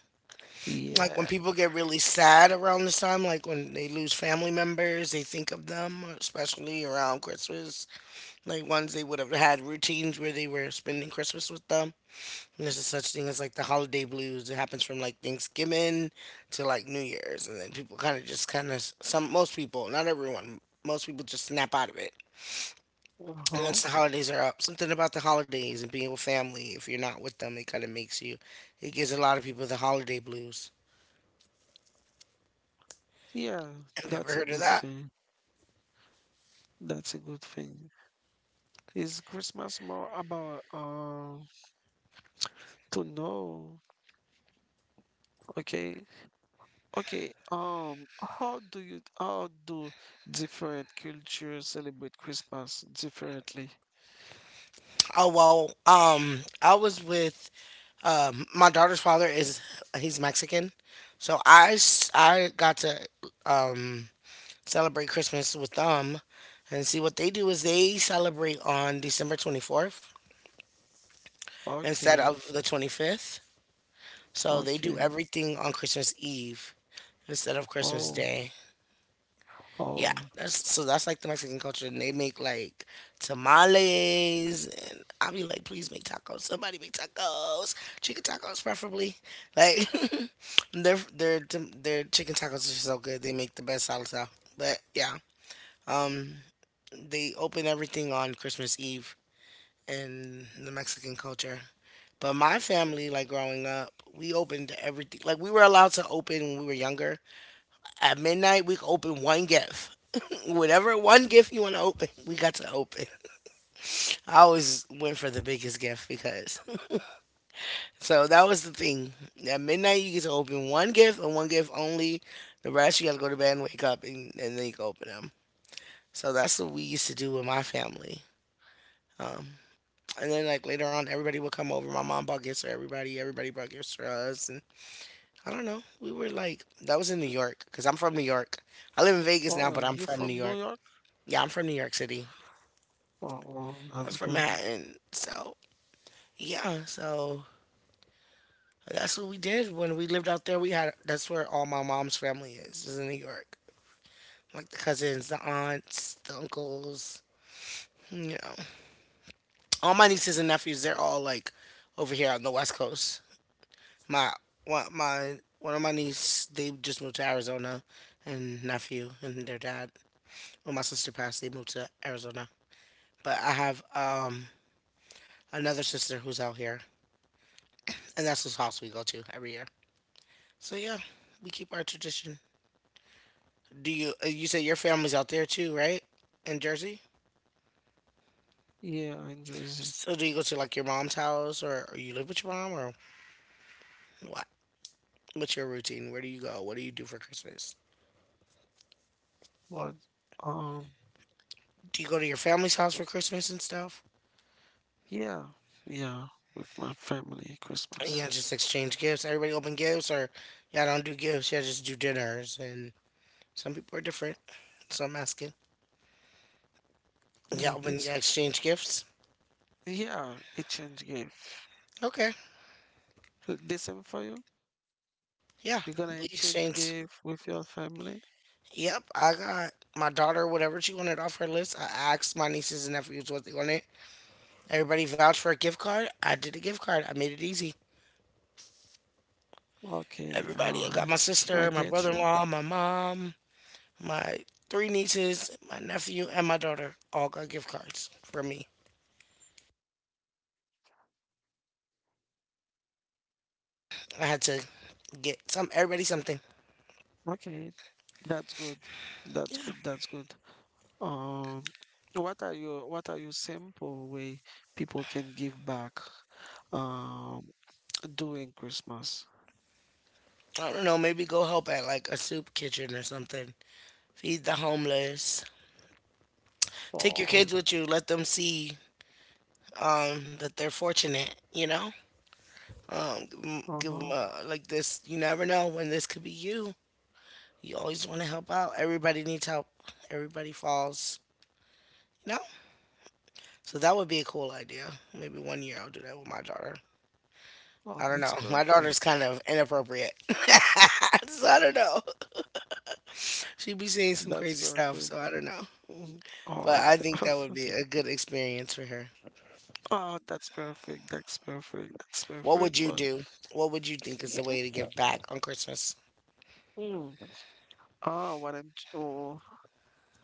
B: Like when
A: Yeah.
B: people get really sad around this time, like when they lose family members, they think of them, especially around Christmas. Like ones they would have had routines where they were spending Christmas with them. And there's a such thing as like the holiday blues. It happens from like Thanksgiving to like New Year's, and then people kind of just kind of some most people, not everyone, most people just snap out of it. And
A: Uh-huh.
B: once the holidays are up, something about the holidays and being with family, if you're not with them, it kind of makes you, it gives a lot of people the holiday blues.
A: Yeah,
B: Have you ever
A: that's a
B: heard of
A: good
B: that?
A: thing. That's a good thing. Is Christmas more about to know? Okay. Okay. How do different cultures celebrate Christmas differently?
B: Oh, well, I was with, my daughter's father is, he's Mexican. So I, I got to, um, celebrate Christmas with them. And see, what they do is they celebrate on December 24th instead
A: Okay.
B: of the 25th. So they do
A: Okay.
B: everything on Christmas Eve instead of Christmas
A: Oh.
B: Day. Yeah,
A: Oh.
B: that's so that's like the Mexican culture, and they make like tamales, and I'll be like, please make tacos. Somebody make tacos, chicken tacos preferably. Like their their their chicken tacos are so good. They make the best salsa. But yeah, um, they open everything on Christmas Eve in the Mexican culture. But my family, like growing up, we opened everything. Like we were allowed to open when we were younger, at midnight, we can open one gift. Whatever one gift you want to open, we got to open. I always went for the biggest gift because. So that was the thing. At midnight, you get to open one gift and one gift only. The rest, you got to go to bed and wake up and then you can open them. So that's what we used to do with my family. Um, and then, like, later on, everybody would come over. My mom bought gifts for everybody. Everybody bought gifts for us. And I don't know. We were like, that was in New York because I'm from New York. I live in Vegas now,
A: Oh,
B: but I'm
A: you
B: from New
A: from New
B: York.
A: York?
B: Yeah, I'm from New York City.
A: Oh, oh,
B: I'm
A: that's
B: from
A: good.
B: Manhattan. So yeah, so that's what we did when we lived out there. We had that's where all my mom's family is in New York. Like the cousins, the aunts, the uncles, you know. All my nieces and nephews, they're all like over here on the West Coast. My my one of my niece, they just moved to Arizona and nephew and their dad. When my sister passed, they moved to Arizona. But I have another sister who's out here and that's whose house we go to every year. So yeah, we keep our tradition. Do you? You say your family's out there too, right? In Jersey.
A: Yeah, I enjoy it.
B: So do you go to like your mom's house, or you live with your mom, or what? What's your routine? Where do you go? What do you do for Christmas?
A: But um,
B: Do you go to your family's house for Christmas and stuff?
A: yeah, yeah, with my family
B: And yeah,
A: Christmas.
B: just exchange gifts. Everybody open gifts, or y'all don't do gifts. Y'all just do dinners. And some people are different, so I'm asking.
A: Mm, it's
B: Y'all exchange gifts.
A: yeah, exchange gift.
B: Okay,
A: The same for you?
B: yeah,
A: You're gonna
B: we
A: exchange
B: exchange.
A: gift with your family?
B: Yep, I got my daughter whatever she wanted off her list. I asked my nieces and nephews what they wanted. Everybody vouched for a gift card. I did a gift card. I made it easy.
A: Okay, oh,
B: Everybody, I
A: I.
B: got my
A: I
B: sister, my
A: get you.
B: brother-in-law, my mom, my three nieces, my nephew, and my daughter all got gift cards for me. I had to get some everybody something.
A: Okay, that's good. That's
B: Yeah.
A: good. That's good. Um, what are your simple way people can give back, um during Christmas?
B: I don't know, maybe go help at like a soup kitchen or something. Feed the homeless. Take your
A: Oh,
B: kids with you. Let them see that they're fortunate, you know? Give 'em,
A: uh-huh.
B: like this. You never know when this could be you. You always want to help out. Everybody needs help. Everybody falls. You know. So that would be a cool idea. Maybe one year I'll do that with my daughter.
A: Oh,
B: I don't
A: that's
B: know. My daughter's
A: perfect.
B: kind of inappropriate, so I don't know. She'd be seeing some
A: That's
B: crazy stuff,
A: perfect.
B: so I don't know.
A: Mm.
B: But
A: Oh,
B: I think that would be a good experience for her.
A: oh, that's perfect. That's perfect. That's
B: What
A: perfect.
B: would you
A: But
B: do? What would you think is the way to give back on Christmas?
A: hmm. Oh, what I'm, oh,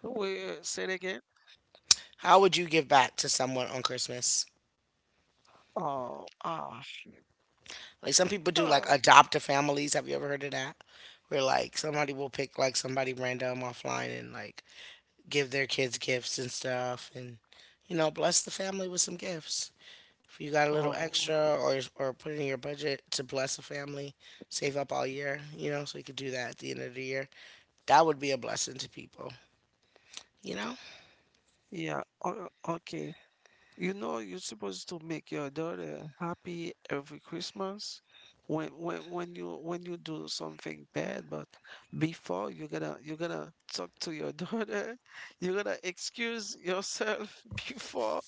A: wait, say it again.
B: How would you give back to someone on Christmas?
A: Oh, ah, shit.
B: Like some people do like
A: Uh,
B: adoptive families. Have you ever heard of that? Where like somebody will pick like somebody random offline and like give their kids gifts and stuff and you know, bless the family with some gifts. If you got a little
A: oh,
B: extra or put it in your budget to bless a family, save up all year, you know, so you could do that at the end of the year. That would be a blessing to people, you know?
A: yeah. O- okay. You know, you're supposed to make your daughter happy every Christmas. When you when you do something bad, but before you gotta talk to your daughter, you gotta excuse yourself before.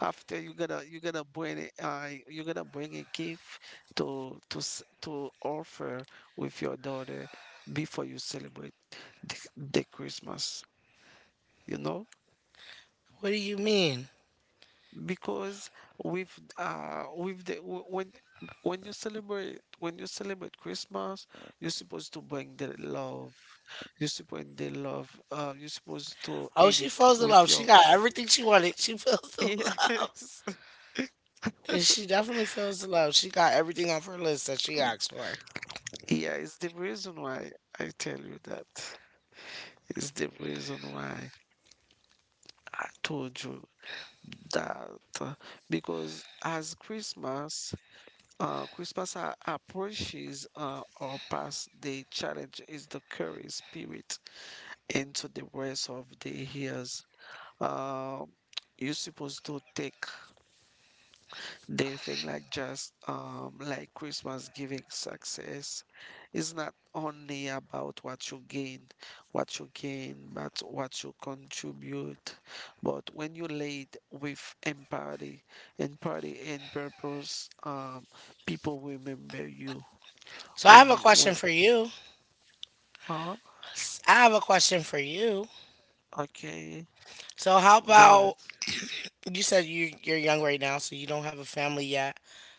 A: After you're gonna bring it, you're gonna bring a gift to to offer with your daughter before you celebrate the Christmas, you know?
B: What do you mean?
A: Because when when you celebrate Christmas, you're supposed to bring the love. You're supposed the love. You're supposed to
B: Oh,
A: eat
B: she
A: it
B: feels the
A: with
B: love. She
A: your
B: got everything she wanted. She feels the
A: f-
B: love.
A: yes.
B: And she definitely feels the love. She got everything off her list that she asked for.
A: Yeah, it's the reason why I tell you that. It's the reason why I told you that. uh, Because as Christmas, Christmas approaches, or past, the challenge is the carry spirit into the rest of the years. Um, you're supposed to take. They think like just like Christmas giving success is not only about what you gain, but what you contribute. But when you lead with empathy, empathy and purpose, people remember you
B: So I
A: when
B: have a
A: you
B: question
A: when.
B: for you.
A: Huh?
B: I have a question for you.
A: Okay,
B: So how about
A: good.
B: you said you're young right now, so you don't have a family yet.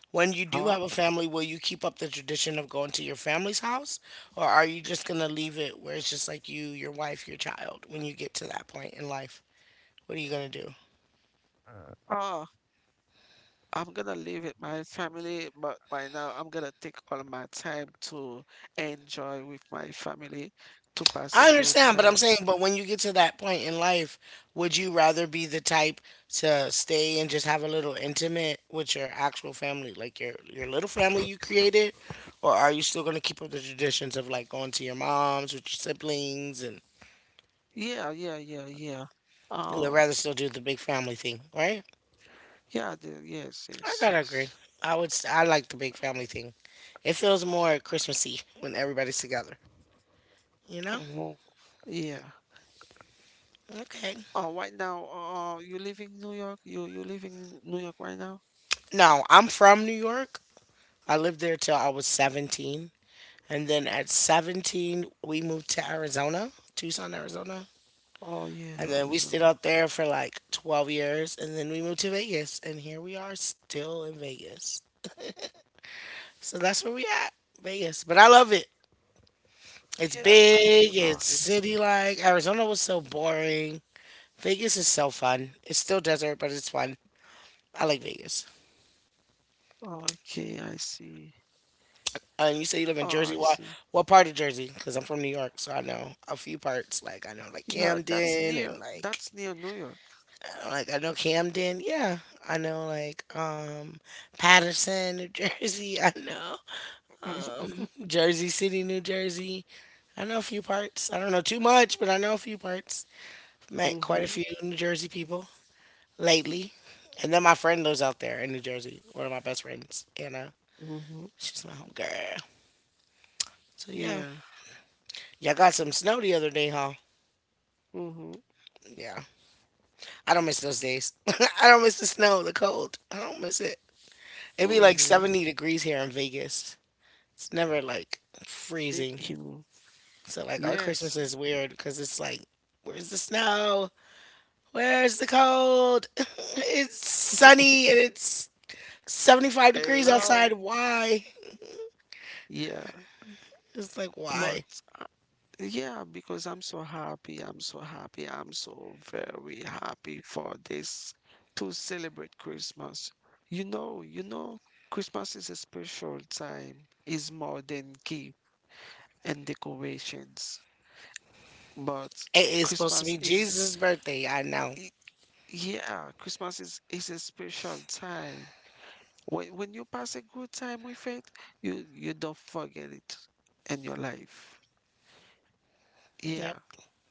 B: When you do
A: Huh?
B: have a family, will you keep up the tradition of going to your family's house, or are you just gonna leave it where it's just like you, your wife, your child when you get to that point in life? What are you gonna do?
A: Ah, I'm gonna live with my family, but right now I'm gonna take all my time to enjoy with my family, to pass a
B: I
A: good
B: understand, but I'm
A: time.
B: saying, but when you get to that point in life, would you rather be the type to stay and just have a little intimate with your actual family, like your little family you created, or are you still going to keep up the traditions of like going to your mom's with your siblings and
A: Yeah, yeah, yeah, yeah.
B: you would
A: Oh,
B: rather still do the big family thing, right?
A: yeah, the, yes,
B: I
A: yes,
B: gotta agree.
A: yes.
B: I would. I like the big family thing. It feels more Christmassy when everybody's together. You know?
A: Mhm. Yeah.
B: Okay.
A: Oh, right now, oh, you live in New York? You live in New York right now?
B: No, I'm from New York. I lived there till I was 17. And then at 17, we moved to Arizona, Tucson, Arizona.
A: Oh
B: And
A: yeah,
B: then we stayed
A: Arizona.
B: out there for like 12 years. And then we moved to Vegas. And here we are still in Vegas. So that's where we at, Vegas. But I love it. It's
A: Yeah,
B: big, it's city like. Arizona was so boring. Vegas is so fun. It's still desert, but it's fun. I like Vegas.
A: Okay, I see.
B: And you say you live
A: Oh,
B: in Jersey.
A: I see.
B: What part of Jersey? Because I'm from New York, so I know a few parts. Like, I know like
A: Yeah, that's
B: Camden
A: near.
B: and like
A: That's near New York.
B: like I know Camden, yeah. I know like Patterson, New Jersey. I know Jersey City, New Jersey. I know a few parts. I don't know too much, but I know a few parts. Met quite a
A: Mm-hmm.
B: few New Jersey people lately. And then my friend lives out there in New Jersey. One of my best friends, Anna.
A: Mm-hmm.
B: She's my home girl. So yeah.
A: Yeah.
B: Y'all got some snow the other day, huh?
A: Mm-hmm.
B: Yeah. I don't miss those days. I don't miss the snow, the cold. I don't miss it. It'd be like
A: Mm-hmm.
B: 70 degrees here in Vegas. It's never like freezing.
A: you.
B: So like our Christmas
A: Yes.
B: is weird because it's like, where's the snow? Where's the cold? It's sunny and it's 75 degrees outside.
A: Hello.
B: Why?
A: Yeah.
B: It's like why?
A: But uh, yeah, because I'm so happy. I'm so happy. I'm so very happy for this to celebrate Christmas. You know, Christmas is a special time. Is more than gift and decorations. But
B: It is supposed to
A: Christmas
B: be
A: is,
B: Jesus' birthday. I know.
A: i- yeah, Christmas is a special time. When you pass a good time with it, you don't forget it in your life.
B: Yep.
A: Yeah,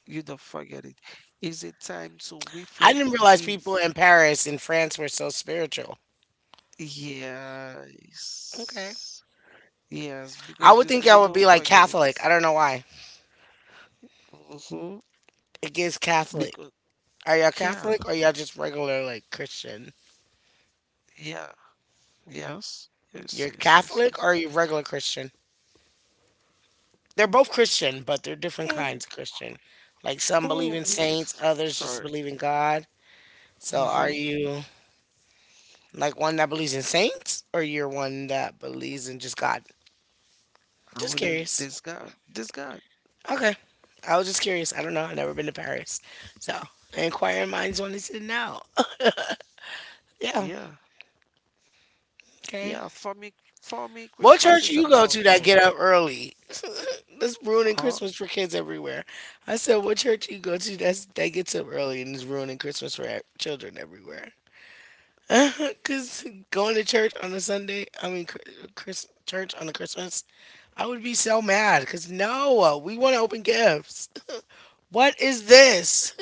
A: you don't forget it. It's a time to
B: I didn't
A: reflect,
B: realize people
A: give.
B: in Paris and France were so spiritual. Okay.
A: Yes, yes,
B: I
A: because
B: would think
A: you
B: y'all would
A: don't
B: be like
A: forget it.
B: Catholic. I don't know why.
A: hmm
B: It gets Catholic.
A: Because
B: Are y'all
A: yeah,
B: Catholic or y'all just regular like Christian?
A: yeah, yes,
B: You're
A: yes, yes, yes,
B: Catholic or
A: yes.
B: are you regular Christian? They're both Christian, but they're different
A: Oh,
B: kinds of Christian. Like some believe
A: oh.
B: in saints, others just
A: Sorry.
B: believe in God. So are
A: hmm
B: you like one that believes in saints or you're one that believes in just God?
A: I
B: Just
A: wouldn't.
B: curious.
A: This God.
B: Okay. I was just curious. I don't know. I've never been to Paris. So inquiring minds wanted to know. Yeah.
A: Yeah.
B: Okay.
A: Yeah, for me,
B: What
A: Christmas
B: church
A: is
B: you go to
A: about
B: that
A: love.
B: get up early? That's ruining
A: Huh?
B: Christmas for kids everywhere. I said, what church you go to that gets up early and is ruining Christmas for children everywhere? Because going to church on a Sunday, I mean, church on a Christmas, I would be so mad. Because no, we want to open gifts. What is this?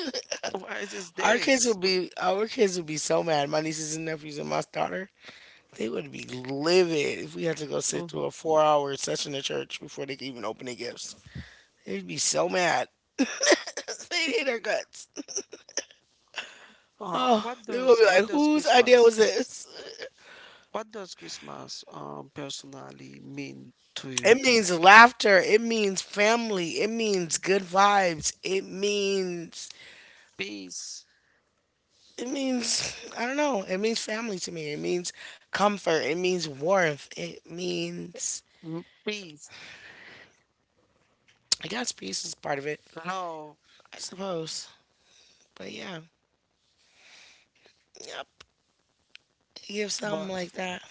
A: Why is this this?
B: Our kids would be so mad. My nieces and nephews and my daughter. They would be livid if we had to go sit through
A: Mhm.
B: a four-hour session at church before they could even open the gifts. They'd be so mad. They hate our guts.
A: Uh,
B: Oh,
A: what
B: they would
A: does
B: be
A: what
B: like,
A: does
B: whose idea
A: Christmas
B: was this?
A: what does Christmas personally mean to
B: It
A: you?
B: means laughter. It means family. It means good vibes. It means
A: Peace,
B: it means I don't know. It means family to me. It means comfort. It means warmth. It means
A: peace,
B: I guess peace is part of it,
A: love.
B: I suppose. But yeah, yep. Give something
A: But
B: like
A: for,
B: that.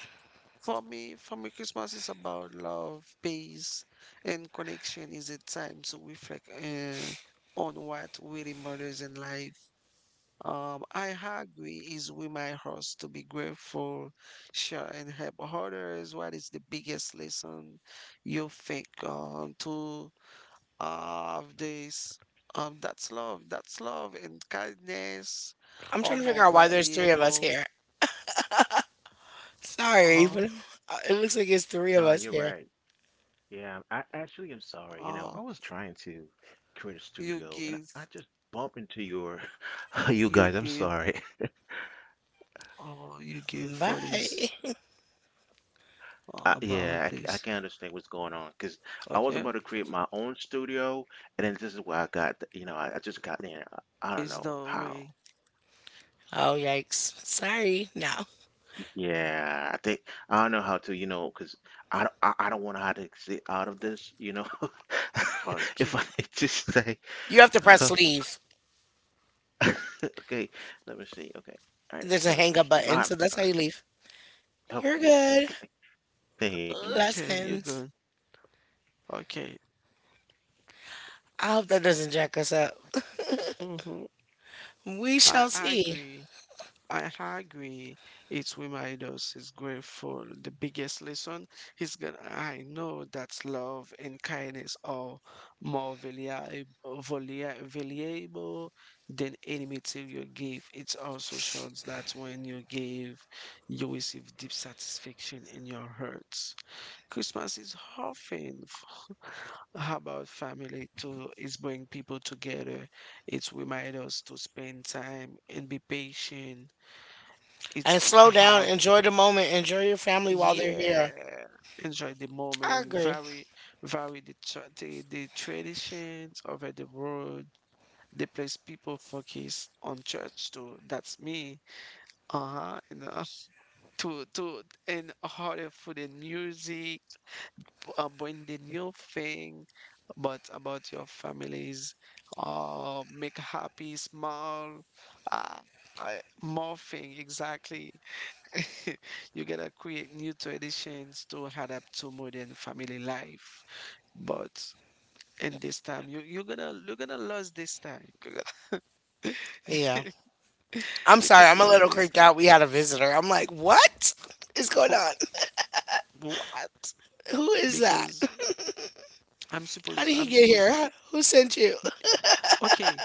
A: for me, for me, Christmas is about love, peace, and connection. Is a time to reflect on what really matters in life. I agree is with my host to be grateful, share and help others. What is the biggest lesson you think to of this? That's love. That's love and kindness
B: I'm
A: are
B: trying to figure
A: more
B: out why there's three of us
A: valuable.
B: here. Sorry,
A: Uh,
B: but it looks like it's three of us here.
A: uh, you give, you give, you give for
B: Bye.
A: this about this. Okay, is the way.
B: Oh, yikes. Sorry. No.
A: Okay,
B: You have to press leave. There's a hang up button, so that's how you leave. You're good.
A: okay, you're
B: Lessons.
A: good. Okay.
B: I hope that doesn't jack us up.
A: hmm
B: We
A: I,
B: shall
A: I
B: see.
A: agree. I agree. It reminds us is grateful. The biggest lesson is gonna. I know that love and kindness are more valuable than any material gift. It also shows that when you give, you receive deep satisfaction in your heart. Christmas is often about family too. It's bring people together. It's remind us to spend time and be patient. It's
B: And slow down.
A: have
B: Enjoy the moment. Enjoy your family while they're here.
A: yeah, enjoy the
B: I
A: moment.
B: agree.
A: Vary the traditions over the world. The place people focus on church too. That's me. Uh huh. And to and other food and music, when the new thing but about your families, make happy smile, uh, I, more thing exactly. You gotta create new traditions to adapt to modern family life, but in this time you're gonna lose this time. You're gonna-
B: Yeah. I'm
A: you
B: sorry.
A: can't
B: I'm a
A: lose
B: little
A: this
B: creeped
A: time.
B: out. We had a visitor. I'm like, what is going
A: Oh,
B: on?
A: what,
B: Who is that?
A: because i'm
B: How
A: supposed
B: did he
A: i'm
B: get here?
A: supposed to,
B: Who sent you?
A: okay.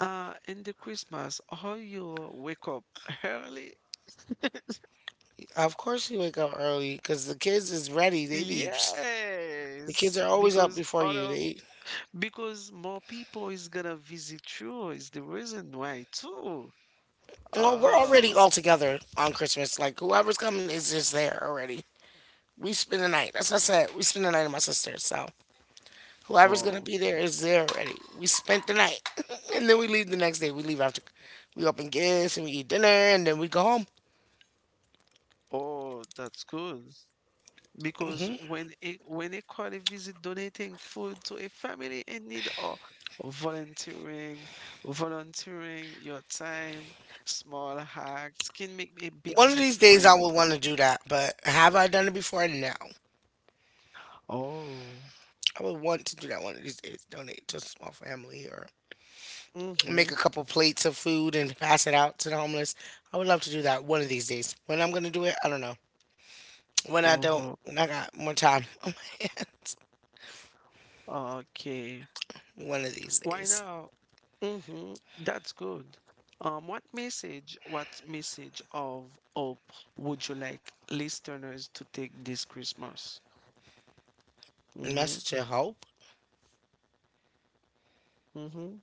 A: In the Christmas, how you wake up early?
B: Of course you wake up early because the kids is ready. The kids
A: Yes,
B: are always up
A: because
B: before
A: out
B: you.
A: of,
B: They
A: because more people is gonna visit you is the reason why too.
B: well, we're already
A: Oh,
B: all together on Christmas. Like whoever's coming is just there already. We spend the night. That's what I said. We spend the night at my sister's. So whoever's gonna
A: oh,
B: be there is there already. We spent the night, and then we leave the next day. We leave after. We open gifts and we eat dinner, and then we go home.
A: oh, that's good. Because when a colleague visit donating food to a family in need or volunteering, volunteering your time, small acts can make a big
B: One of these days I
A: difference.
B: will want to do that, but have I done it before? No.
A: Oh.
B: I would want to do that one of these days. Donate to a small family or
A: Mm-hmm.
B: make a couple plates of food and pass it out to the homeless. I would love to do that one of these days. When I'm gonna do it, I don't know. When I don't,
A: Uh-huh.
B: when I got more time on my hands,
A: Okay.
B: one of these
A: Why
B: days.
A: now? Mm-hmm. That's good. Um, what message of hope would you like listeners to take this Christmas? Mm-hmm.
B: Message of hope.
A: Mm-hmm.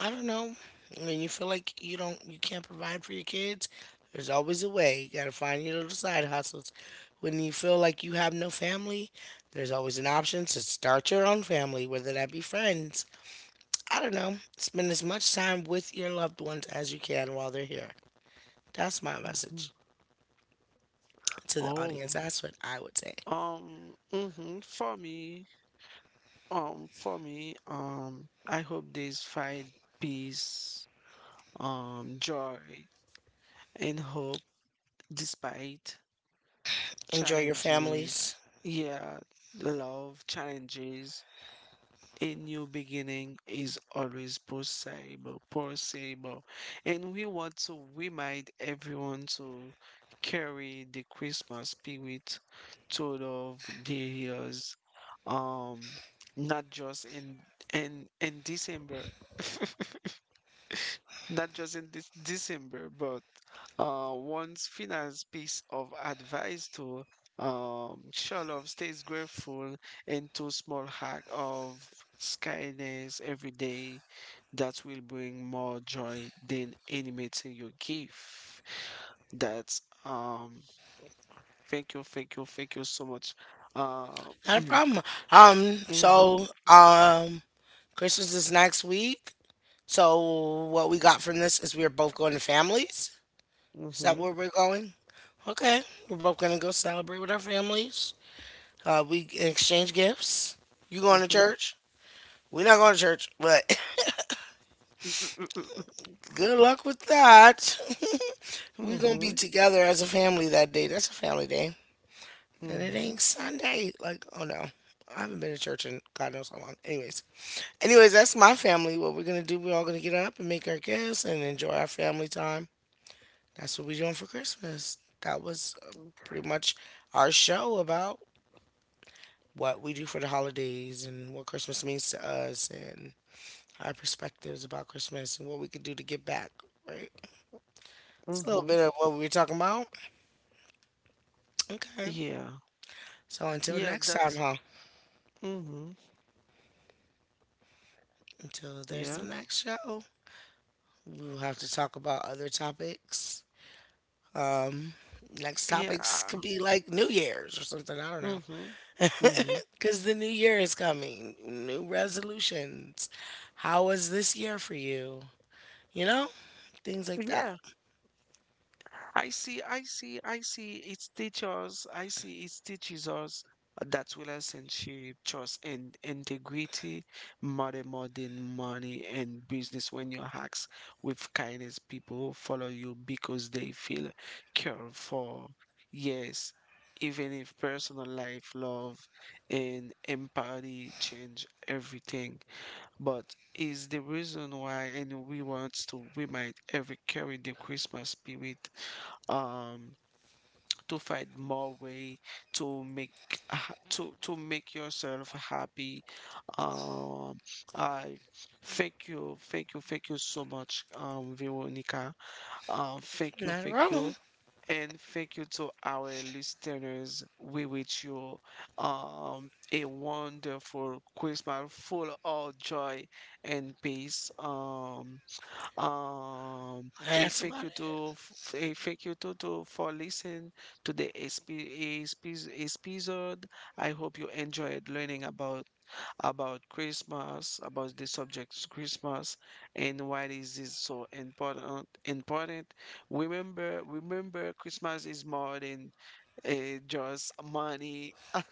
B: I don't know. When you feel like you don't, you can't provide for your kids. There's always a way. You gotta find your little side hustles. When you feel like you have no family, there's always an option to start your own family, whether that be friends I don't know, spend as much time with your loved ones as you can while they're here. That's my
A: Mm-hmm.
B: message to the audience.
A: Oh,
B: That's what I would say.
A: um, mm-hmm. For me, I hope there's fight, peace, joy, and hope despite
B: Enjoy your
A: challenges.
B: families.
A: Yeah, love, challenges. A new beginning is always possible. And we want to remind everyone to carry the Christmas spirit thought of the years, um, not just in December. Not just in this December, but one's final piece of advice to show love stays grateful into small hack of kindness every day that will bring more joy than any material you give. That's thank you, thank you, thank you so much. Uh,
B: Not a problem. Um,
A: mm-hmm,
B: so um Christmas is next week. So what we got from this is we are both going to families. Is that
A: mm-hmm,
B: where we're going? Okay. We're both gonna go celebrate with our families. We exchange gifts. You going to
A: mm-hmm,
B: church? We're not going to church, but good luck with that. We gonna be
A: mm-hmm,
B: together as a family that day. That's a family day, and it
A: mm-hmm,
B: ain't Sunday. Like, oh no, I haven't been to church in God knows how long. Anyways, that's my family. What we're gonna do? We're all gonna get up and make our gifts and enjoy our family time. That's what we're doing for Christmas. That was pretty much our show about what we do for the holidays and what Christmas means to us and our perspectives about Christmas and what we could do to get back. Right, it's a little
A: mm-hmm.
B: bit of what we were talking about. Okay,
A: Yeah,
B: so until
A: yeah,
B: next time,
A: that's
B: huh?
A: mm-hmm,
B: Until there's the
A: yeah.
B: next show, we'll have to talk about other topics. Um, next
A: Yeah.
B: topics could be like New Year's or something. I don't
A: Mm-hmm.
B: know.
A: Mm-hmm.
B: Because the new year is coming, new resolutions. How was this year for you? You know, things like that.
A: Yeah. I see, I see, I see it's teachers, I see it's teaches us that relationship, trust and integrity matter more than money and business. When your acts with kindness, people follow you because they feel cared for. Yes, even if personal life, love and empathy change everything. But is the reason why, and we want to, we might ever carry the Christmas spirit, um to find more way to make ha- to make yourself happy. Um I Thank you, thank you, thank you so much, Veronica, thank you,
B: Not a
A: thank
B: problem.
A: you, and thank you to our listeners. We wish you a wonderful Christmas full of joy and peace. A
B: That's
A: thank
B: about
A: you
B: it.
A: to a thank you to for listening to the SP, SP, episode. I hope you enjoyed learning about Christmas, about the subject Christmas, and why this is so important. Important. Remember, remember, Christmas is more than just money.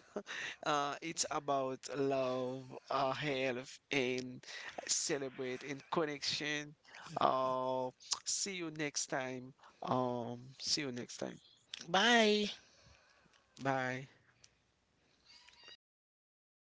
A: It's about love, health, and celebrate and connection. Uh, see you next time. See you next time.
B: Bye.
A: Bye.